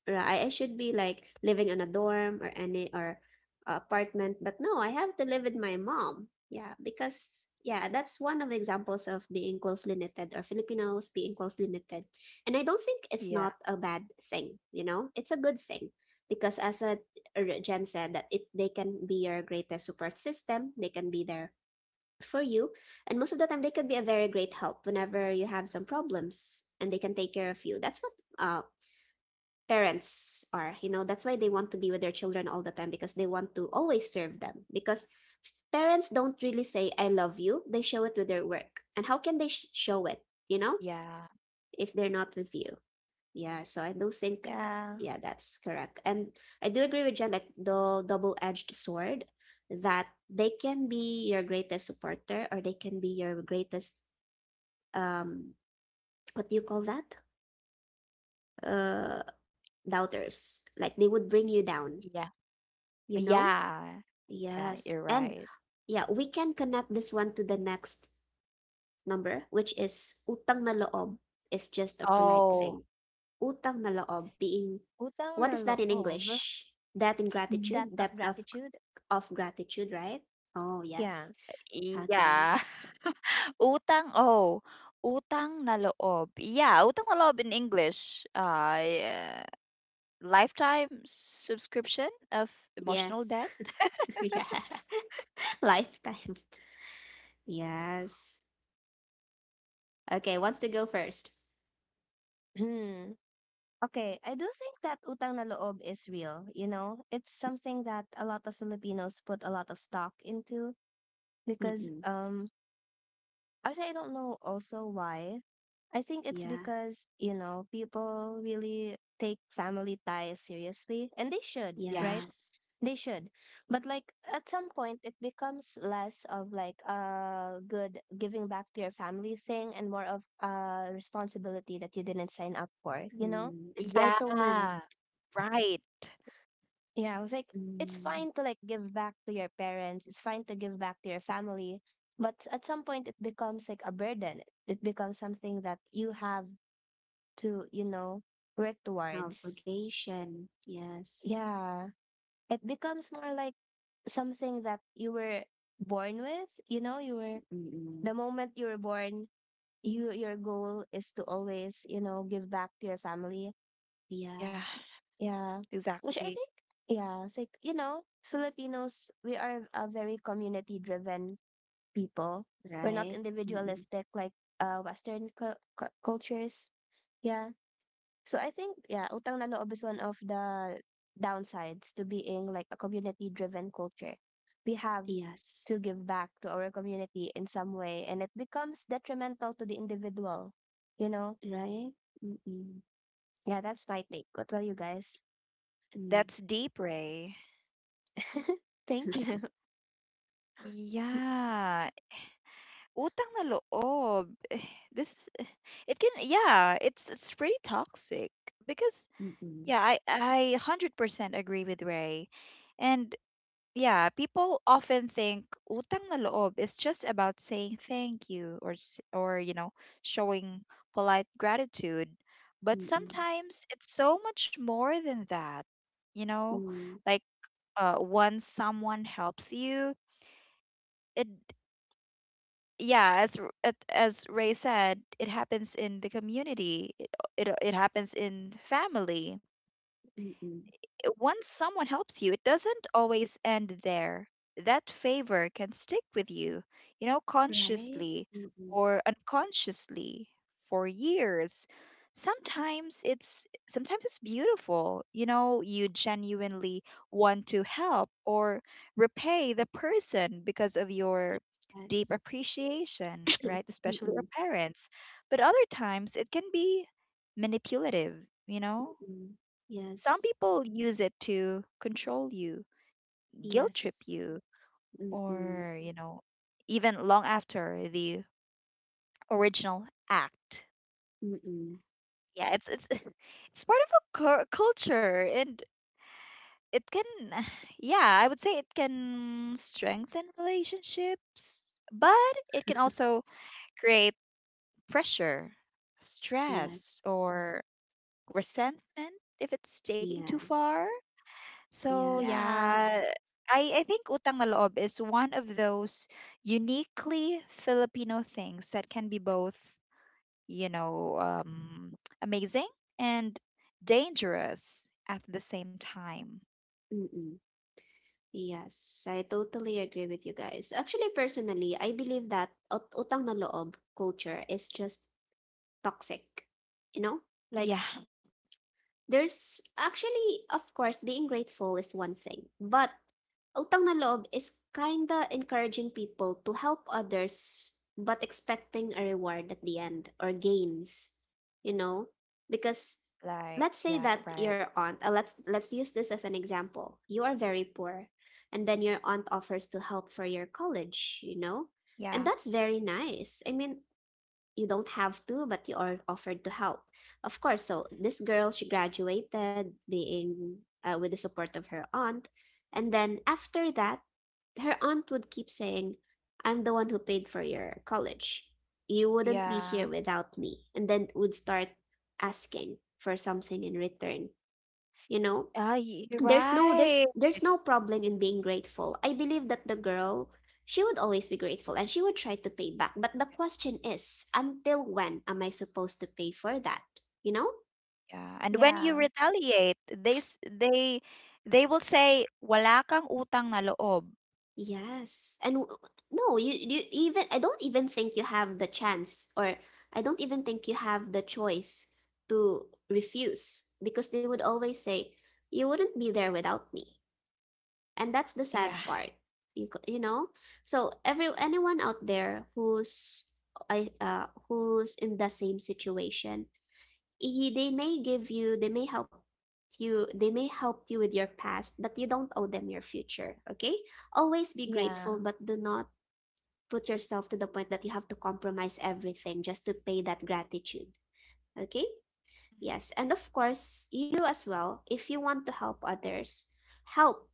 S1: right. I should be like living in a dorm, or any, or a apartment, but no, I have to live with my mom. Yeah, because yeah, that's one of the examples of being closely knitted, or Filipinos being closely knitted. And I don't think it's
S2: Yeah.
S1: not a bad thing, you know? It's a good thing because, as a r- Jen said, that it, they can be your greatest support system, they can be there for you, and most of the time they can be a very great help whenever you have some problems, and they can take care of you. That's what, uh, parents are, you know, that's why they want to be with their children all the time, because they want to always serve them. Because parents don't really say I love you, they show it with their work. And how can they sh- show it, you know,
S2: Yeah.
S1: if they're not with you? Yeah, so I do think,
S3: yeah.
S1: yeah, that's correct. And I do agree with Jen, like the double-edged sword, that they can be your greatest supporter, or they can be your greatest, um, what do you call that, uh doubters, like they would bring you down,
S2: Yeah.
S1: you know?
S2: Yeah. Yeah. You're
S1: Yes. And
S2: right.
S1: yeah, we can connect this one to the next number, which is utang na loob is just a polite
S2: Oh,
S1: thing. Utang na loob being,
S3: Utang
S1: what
S3: na
S1: is that in
S3: loob,
S1: English? Debt in
S3: debt
S1: gratitude,
S3: of
S1: depth of
S3: gratitude.
S1: of gratitude, right? Oh,
S3: Yeah.
S1: yes. Okay.
S2: yeah. Utang oh, utang na loob. Yeah, utang na loob in English. Uh, yeah, lifetime subscription of emotional
S1: Yes.
S2: debt.
S1: yeah. Lifetime. Yes. Okay, wants to go first.
S3: Hmm. Okay, I do think that utang na loob is real. You know, it's something that a lot of Filipinos put a lot of stock into because
S1: Mm-mm.
S3: um actually, I don't know also why. I think it's
S1: Yeah.
S3: because, you know, people really take family ties seriously, and they should,
S2: Yeah.
S3: right?
S1: Yes.
S3: They should. But like at some point, it becomes less of like a good giving back to your family thing and more of a responsibility that you didn't sign up for, you know?
S1: Mm. Entitlement.
S2: Yeah. Right.
S3: Yeah, I was like, it's
S1: Mm.
S3: fine to like give back to your parents, it's fine to give back to your family, but at some point it becomes like a burden. It becomes something that you have to, you know, work
S1: An
S3: towards.
S1: obligation. Yes.
S3: Yeah. It becomes more like something that you were born with, you know, you were
S1: Mm-mm.
S3: the moment you were born, you your goal is to always, you know, give back to your family.
S1: Yeah,
S2: Yeah,
S3: Yeah. Which I
S2: exactly.
S3: think yeah, it's like, you know, Filipinos, we are a very community driven people. We're not
S1: right. Mm-mm.
S3: individualistic like uh Western cul cu- cultures. Yeah. So I think yeah, utang na loob is one of the downsides to being like a community-driven culture. We have
S1: Yes,
S3: to give back to our community in some way, and it becomes detrimental to the individual. You know,
S1: right. Mm-mm.
S3: yeah, that's my take. What about you guys?
S1: Mm.
S2: That's deep, Ray.
S3: Thank you.
S2: Yeah. Utang na loob. This is it can yeah, it's it's pretty toxic because yeah,
S1: Mm-mm.
S2: I I one hundred percent agree with Ray. And yeah, people often think utang na loob is just about saying thank you or s- or you know, showing polite gratitude, but
S1: Mm-mm.
S2: sometimes it's so much more than that. You know,
S1: Mm.
S2: like uh once someone helps you, it yeah, as R- at- as Ray said, it happens in the community. It it, it happens in family.
S1: Mm-mm.
S2: Once someone helps you, it doesn't always end there. That favor can stick with you, you know,
S1: Right.
S2: consciously
S1: Mm-mm.
S2: or unconsciously for years. Sometimes it's sometimes it's beautiful. You know, you genuinely want to help or repay the person because of your deep
S1: Yes.
S2: appreciation, right? Especially our
S1: Mm-mm.
S2: parents. But other times it can be manipulative, you know?
S1: Mm-mm.
S2: Some
S1: Yes.
S2: people use it to control you, guilt trip
S1: Yes.
S2: you,
S1: Mm-mm.
S2: or, you know, even long after the original act.
S1: Mm-mm.
S2: Yeah, it's it's it's part of a cul- culture and it can yeah, I would say it can strengthen relationships, but it can also create pressure,
S1: Yes.
S2: stress, or resentment if it's taking too
S1: Yes.
S2: far. So
S1: Yes.
S3: Yeah,
S2: yeah, I I think utang na loob is one of those uniquely Filipino things that can be both, you know, um, amazing and dangerous at the same time.
S1: Mm-mm. Yes, I totally agree with you guys. Actually, personally, I believe that ut- utang na loob culture is just toxic. You know?
S2: Yeah,
S1: Like, there's actually, of course, being grateful is one thing, but utang na loob is kinda encouraging people to help others but expecting a reward at the end, or gains, you know? Because,
S2: like
S1: let's say
S2: yeah,
S1: that
S2: right.
S1: your aunt, uh, let's let's use this as an example. You are very poor, and then your aunt offers to help for your college, you know? And
S2: Yeah,
S1: that's very nice. I mean, you don't have to, but you are offered to help. Of course, so this girl, she graduated being, uh, with the support of her aunt. And then after that, her aunt would keep saying, I'm the one who paid for your college. You wouldn't be
S2: yeah.
S1: here without me. And then would start asking for something in return, you know?
S2: Ah, y- you're
S1: There's no,
S2: right.
S1: there's there's no problem in being grateful. I believe that the girl, she would always be grateful, and she would try to pay back. But the question is, until when am I supposed to pay for that? You know?
S2: Yeah, and when you
S3: yeah,
S2: retaliate, they s- they they will say wala kang utang na loob.
S1: Yes. And w- no, you you even, I don't even think you have the chance, or I don't even think you have the choice to refuse, because they would always say, you wouldn't be there without me. And that's the
S2: Yeah,
S1: sad part, you c- you know. So every, anyone out there who's, I uh who's in the same situation, y- they may give you, they may help you, they may help you with your past, but you don't owe them your future, okay? Always be
S2: r-
S3: yeah.
S1: grateful, but do not put yourself to the point that you have to compromise everything just to pay that gratitude, okay? Yes. And of course, you as well, if you want to help others, help,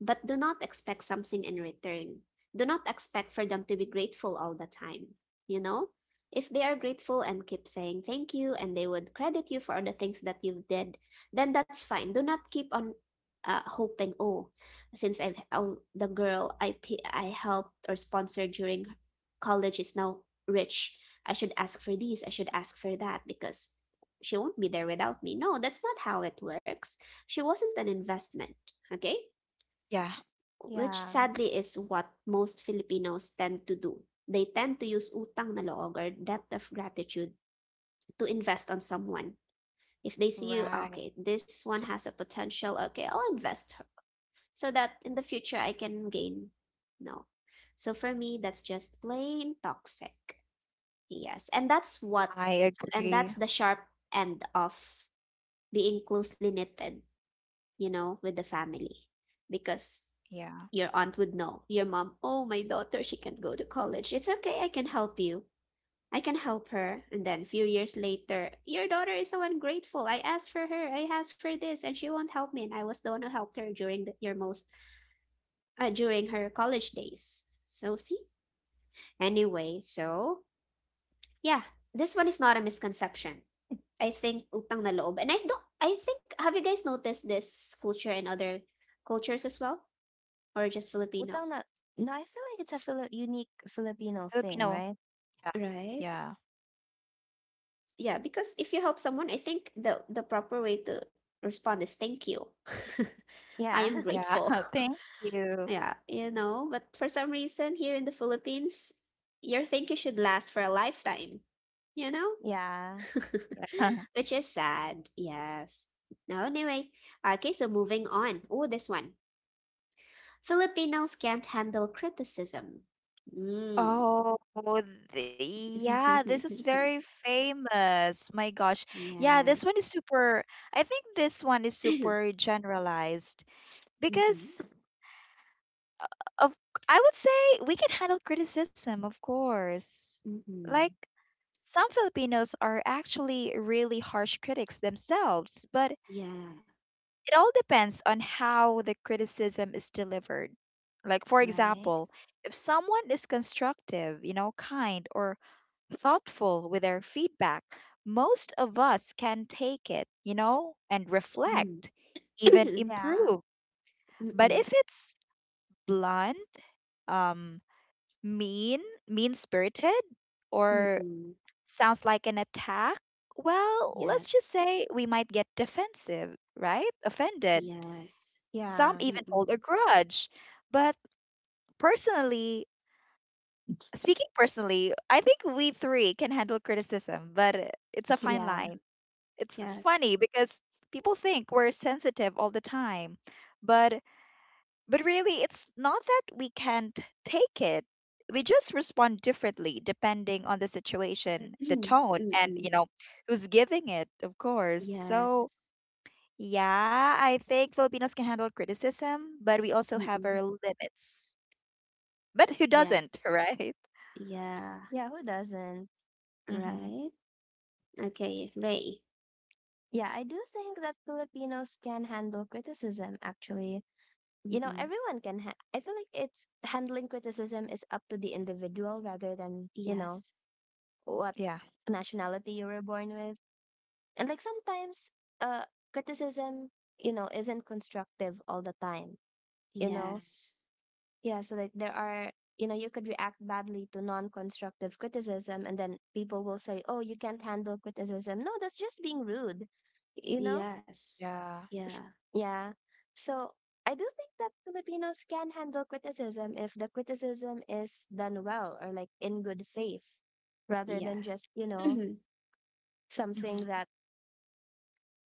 S1: but do not expect something in return. Do not expect for them to be grateful all the time. You know? If they are grateful, and keep saying thank you, and they would credit you for the things that you did, then that's fine. Do not keep on, uh, hoping, oh, since I've, oh, the girl I pa- I helped or sponsored during college is now rich. I should ask for this, I should ask for that, because she won't be there without me. No, that's not how it works. She wasn't an investment, okay?
S2: yeah,
S1: Which
S3: Yeah.
S1: sadly is what most Filipinos tend to do. They tend to use utang na loob, or debt of gratitude, to invest on someone. If they see you, "Ah,
S2: right.
S1: okay, this one has a potential, okay, I'll invest her so that in the future I can gain. No. So for me, that's just plain toxic. Yes. And that's what,
S2: I
S1: and that's
S2: agree.
S1: the sharp end of being closely knitted, you know, with the family. Because
S2: Yeah.
S1: your aunt would know. Your mom, oh, my daughter, she can't go to college. It's okay, I can help you. I can help her. And then a few years later, your daughter is so ungrateful. I asked for her, I asked for this, and she won't help me. And I was the one who helped her during the, your most, uh, during her college days. So, see? Anyway, so, yeah, this one is not a misconception. I think utang na loob. And I don't, I think, Have you guys noticed this culture in other cultures as well? Or just Filipino?
S3: Utang na No, I feel like it's a Fili unique Filipino thing,
S2: Filipino.
S3: right?
S2: Yeah.
S1: Right?
S2: Yeah.
S1: Yeah, because if you help someone, I think the the proper way to respond is thank you. I
S3: Yeah.
S1: am
S2: Yeah.
S1: grateful.
S2: Thank you.
S1: Yeah, you know, but for some reason here in the Philippines, your thank you should last for a lifetime, you know?
S3: Yeah.
S1: Which is sad. Yes. Now, anyway, okay, so moving on. Oh, this one. Filipinos can't handle criticism. Mm.
S2: Oh, the, yeah, this is very famous. My gosh. Yeah, this
S1: Yes.
S2: one is super, I think this one is super generalized
S1: hmm
S2: because of, I would say we can handle criticism, of course. Like
S1: hmm
S2: some Filipinos are actually really harsh critics themselves, but
S1: Yeah.
S2: it all depends on how the criticism is delivered. Like, for
S1: Right?
S2: example, if someone is constructive, you know, kind, or thoughtful with their feedback, most of us can take it, you know, and
S1: Mm.
S2: reflect, even
S3: Yeah.
S2: improve. But if
S1: Mm-mm.
S2: it's blunt, um, mean, mean spirited, or
S1: Mm-mm.
S2: sounds like an attack, well, let's just
S1: Yes.
S2: say we might get defensive, right? Offended.
S1: Yes.
S2: Some
S3: Yeah.
S2: even
S1: Mm-mm.
S2: hold a grudge. But personally, speaking personally, I think we three can handle criticism, but i- it's a fine
S3: Yeah.
S2: line. It's it's funny
S1: Yes.
S2: because people think we're sensitive all the time, but but really it's not that we can't take it. We just respond differently depending on the situation, the tone, and you
S1: Mm-mm.
S2: know, who's giving it, of course. So
S1: Yes.
S2: yeah, I think Filipinos can handle criticism, but we also have our
S1: Mm-mm.
S2: limits. But who doesn't,
S1: Yes.
S2: right?
S1: Yeah.
S3: Yeah, who doesn't?
S2: Mm-hmm.
S1: Right? Okay, Ray.
S3: Yeah, I do think that Filipinos can handle criticism actually. You know,
S1: Mm-mm.
S3: everyone can ha I feel like it's handling criticism is up to the individual rather than, you know,
S1: Yes.
S3: what
S2: Yeah.
S3: nationality you were born with. And like sometimes uh criticism, you know, isn't constructive all the time, you
S2: Mm-hmm.
S3: know?
S1: Yes.
S3: Yeah, so like there are, you know, you could react badly to non-constructive criticism, and then people will say, "Oh, you can't handle criticism." No, that's just being rude, you know?
S1: Yes.
S2: Yeah.
S3: S-
S1: Yeah.
S3: Yeah. So I do think that Filipinos can handle criticism if the criticism is done well or like in good faith, rather than
S1: Yeah.
S3: just, you know, something
S2: Mm-hmm.
S3: that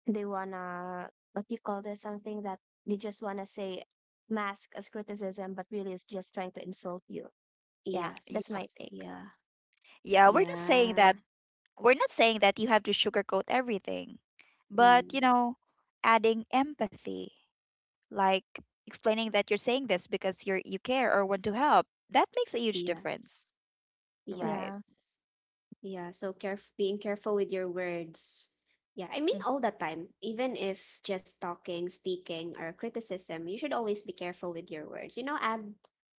S3: they wanna, what do you call this, something that they just wanna say mask as criticism, but really is just trying to insult you. Yeah, that's
S2: Yeah.
S3: my
S1: Yes.
S3: take.
S1: Yeah.
S2: Yeah, we're not saying that
S1: Yeah.
S2: we're not saying that you have to sugarcoat everything. But,
S1: Mm.
S2: you know, adding empathy, like explaining that you're saying this because you're you care or want to help, that makes a huge
S1: Yes.
S2: difference.
S1: Yes.
S2: Right.
S3: Yeah,
S1: Yeah, so caref being careful with your words. Yeah, I mean
S2: Hmm.
S1: all the time, even if just talking, speaking, or criticism, you should always be careful with your words. You know, add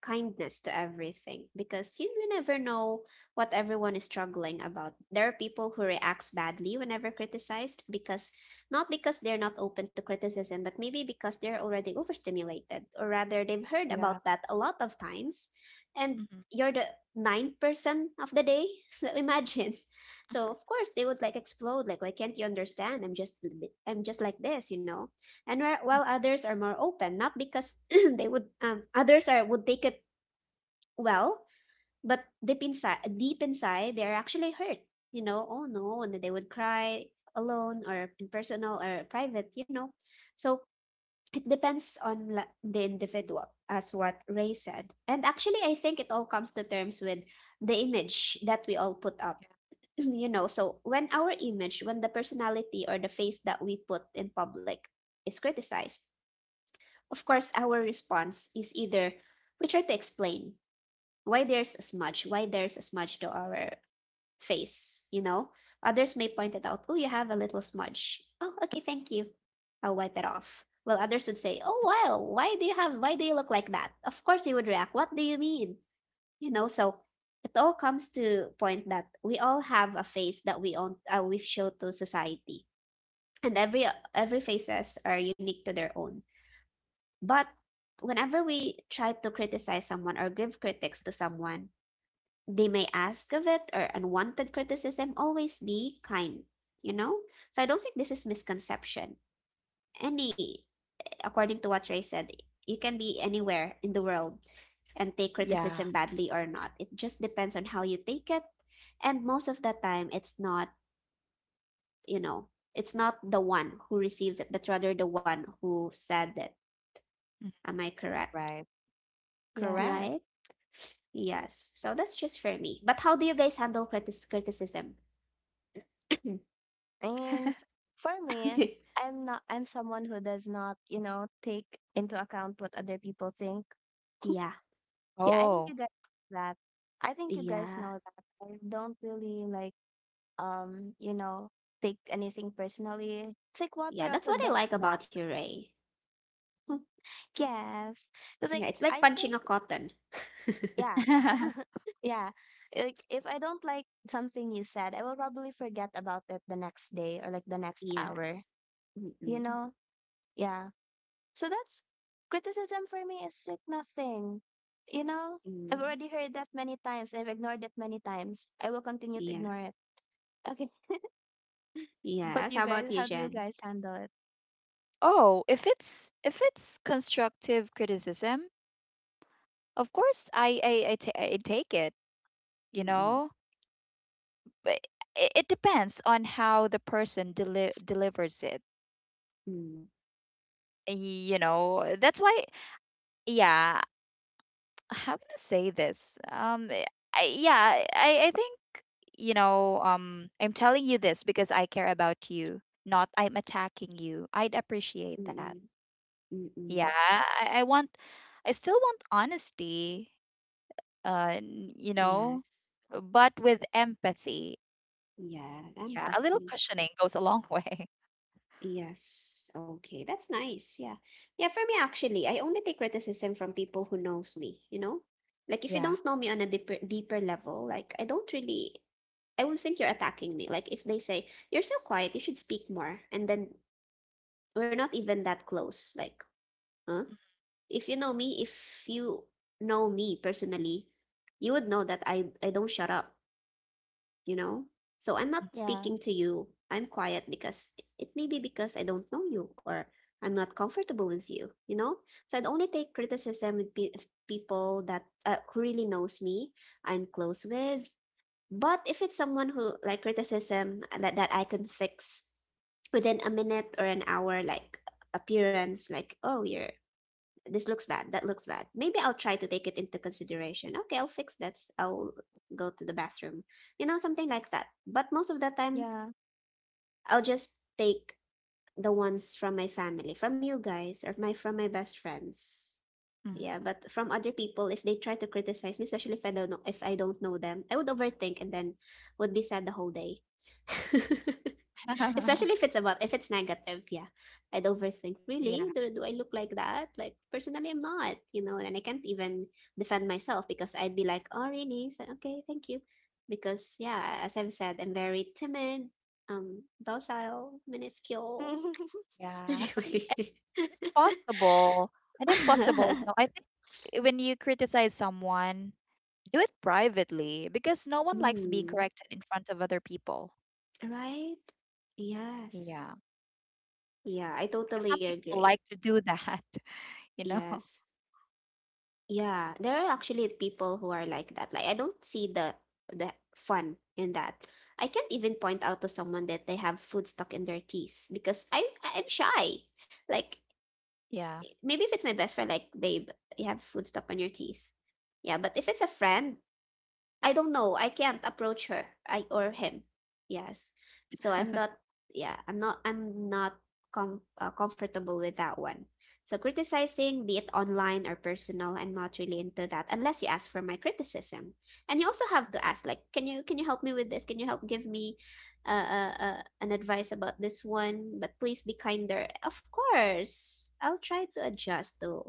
S1: kindness to everything because you, you never know what everyone is struggling about. There are people who reacts badly whenever criticized because not because they're not open to criticism, but maybe because they're already overstimulated, or rather they've heard about
S2: Yeah.
S1: that a lot of times, and
S2: Mm-hmm.
S1: you're the nine percent of the day, so imagine. So of course they would like explode. Like, why can't you understand? I'm just I'm just like this, you know. And where, while others are more open, not because they would um others are would take it well, but deep inside deep inside they are actually hurt. You know, oh no, and they would cry alone or in personal or private. You know, so it depends on la- the individual, as what Ray said. And actually, I think it all comes to terms with the image that we all put up.
S2: Yeah.
S1: You know, so when our image, when the personality or the face that we put in public is criticized, of course our response is either we try to explain why there's a smudge why there's a smudge to our face. You know, others may point it out. Oh, you have a little smudge. Oh, okay, thank you. I'll wipe it off. Well, others would say, oh wow, why do you have why do you look like that? Of course you would react. What do you mean? You know, so it all comes to point that we all have a face that we own, uh, we show to society. And every every faces are unique to their own. But whenever we try to criticize someone or give critics to someone, they may ask of it or unwanted criticism, always be kind. You know, so I don't think this is misconception. Any According to what Ray said, you can be anywhere in the world and take
S2: Yeah.
S1: criticism badly or not. It just depends on how you take it. And most of the time, it's not, you know, it's not the one who receives it, but rather the one who said it.
S2: Hmm.
S1: Am I correct?
S2: Right.
S3: yeah.
S2: Correct.
S1: Right? Yes. So that's just for me. But how do you guys handle critis- criticism?
S3: And for me, I'm not I'm someone who does not, you know, take into account what other people think.
S1: Yeah.
S3: Yeah, I think
S2: Oh.
S3: you guys know that. I think you guys
S1: Yeah.
S3: know that. I don't really like um, you know, take anything personally. It's like water
S1: Yeah.
S3: off
S1: That's
S3: a
S1: what I
S3: duck's
S1: like
S3: back.
S1: about you, Ray.
S3: Yes. It's like
S1: Yeah. It's like
S3: I
S1: punching
S3: think
S1: a cotton.
S3: yeah. Yeah. Like if I don't like something you said, I will probably forget about it the next day or like the next hour.
S1: Yes.
S3: You
S1: Mm-mm.
S3: know? Yeah. So that's criticism for me is like nothing. You know, I've
S1: Mm.
S3: already heard that many times. I've ignored that many times. I will continue to
S1: Yeah.
S3: ignore it. Okay. But
S1: Yes.
S3: you
S1: How about
S3: guys,
S1: you,
S3: how do you
S1: Jen?
S3: guys handle it?
S2: Oh, if it's if it's constructive criticism, of course I I I ta- I take it, you
S1: Mm-mm.
S2: know. But it, it depends on how the person deli- delivers it.
S1: Mm.
S2: y- You know, that's why yeah, how can I say this? Um I, I- yeah, I I think you know, um I'm telling you this because I care about you, not I'm attacking you. I'd appreciate that.
S1: Mm-mm.
S2: Yeah,
S1: Mm-mm.
S2: I, I want I still want honesty. uh, n- you know,
S1: Yes.
S2: but with empathy.
S1: Yeah.
S2: Yeah, a little
S1: Empathy.
S2: cushioning goes a long way.
S1: Yes. Okay. That's nice. Yeah. Yeah, for me actually, I only take criticism from people who knows me, you know? Like if you
S2: Yeah.
S1: don't know me on a deeper deeper level, like I don't really I would think you're attacking me. Like if they say, "You're so quiet, you should speak more." And then we're not even that close. Like, huh? If you know me, if you know me personally, you would know that I I don't shut up. You know? So I'm not
S3: Yeah.
S1: speaking to you. I'm quiet because it may be because I don't know you or I'm not comfortable with you, you know? So I'd only take criticism with pe- if people that uh, who really knows me, I'm close with. But if it's someone who, like, criticism that, that I can fix within a minute or an hour, like appearance, like, oh, you're this looks bad, that looks bad, maybe I'll try to take it into consideration. Okay, I'll fix that. I i'll go to the bathroom, you know, something like that. But most of the time
S3: Yeah.
S1: I'll just take the ones from my family, from you guys, or my from my best friends. Yeah,
S2: Mm-hmm.
S1: but from other people, if they try to criticize me, especially if I don't know if I don't know them, I would overthink and then would be sad the whole day. Especially if it's about, if it's negative, yeah. I'd overthink,
S2: yeah,
S1: really? Do, do I look like that? Like personally I'm not, you know, and I can't even defend myself because I'd be like, oh really? So, okay, thank you. Because yeah, as I've said, I'm very timid, um, docile, minuscule.
S2: yeah.
S3: yeah,
S2: And
S1: Anyway.
S2: if possible, and if possible, you know, I think eh, when you criticize someone, do it privately because no one likes being
S1: Mm.
S2: corrected in front of other people.
S1: Right? Yes.
S2: Yeah,
S1: Yeah, I
S2: because
S1: totally
S2: some people
S1: agree.
S2: like to do that, you know.
S1: Yes. Yeah, there are actually people who are like that. Like I don't see the the fun in that. I can't even point out to someone that they have food stuck in their teeth because I'm I'm shy. Like
S2: Yeah.
S1: maybe if it's my best friend, like babe, you have food stuck on your teeth. Yeah, but if it's a friend, I don't know. I can't approach her. I or him. Yes. So I'm not, yeah, I'm not I'm not com- uh, comfortable with that one. So criticizing, be it online or personal, I'm not really into that unless you ask for my criticism. And you also have to ask like, can you can you help me with this? Can you help give me uh, uh, uh, an advice about this one? But please be kinder. Of course. I'll try to adjust to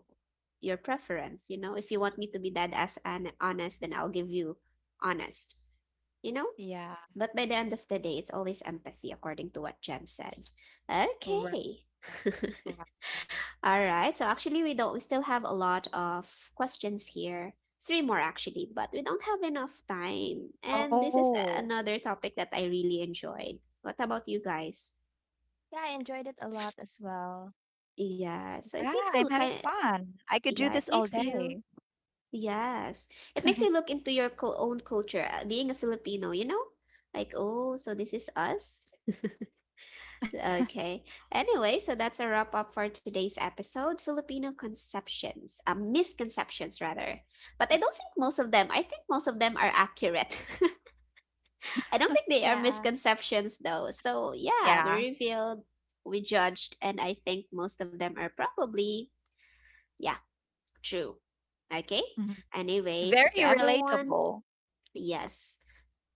S1: your preference, you know. If you want me to be that as an honest, then I'll give you honest, you know?
S2: Yeah,
S1: But by the end of the day, it's always empathy, according to what Jen said.
S2: right,
S1: Okay.
S2: right.
S1: All right. So actually, we don't. We still have a lot of questions here. Three more actually, but we don't have enough time. And this is
S2: Oh,
S1: another topic that I really enjoyed. What about you guys?
S3: I enjoyed it a lot as well.
S1: Yeah. So it
S2: yeah,
S1: makes you
S2: I'm
S1: look kind.
S2: having
S1: Of,
S2: fun. I could do
S1: yeah. It
S2: this all
S1: makes you.
S2: day.
S1: Yes. It makes you look into your cul- own culture. uh, Being a Filipino, you know, like oh, so this is us. Okay. Anyway, so that's a wrap up for today's episode, Filipino conceptions, um, misconceptions rather. But I don't think most of them, I think most of them are accurate. I don't think they are
S3: Yeah.
S1: misconceptions though. So, yeah, we
S2: Yeah.
S1: revealed, we judged, and I think most of them are probably, yeah, true. Okay?
S2: Mhm.
S1: Anyway, so
S2: Very
S1: to everyone,
S2: relatable.
S1: yes.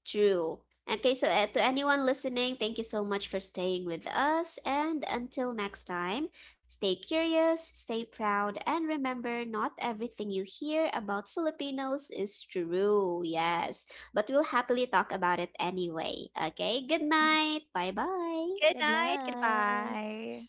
S1: True. Okay, so uh, to anyone listening, thank you so much for staying with us. And until next time, stay curious, stay proud, and remember not everything you hear about Filipinos is true. Yes, but we'll happily talk about it anyway. Okay, good
S2: Mhm.
S1: night. Bye bye.
S2: Good
S3: Good
S2: night.
S3: night.
S2: Goodbye.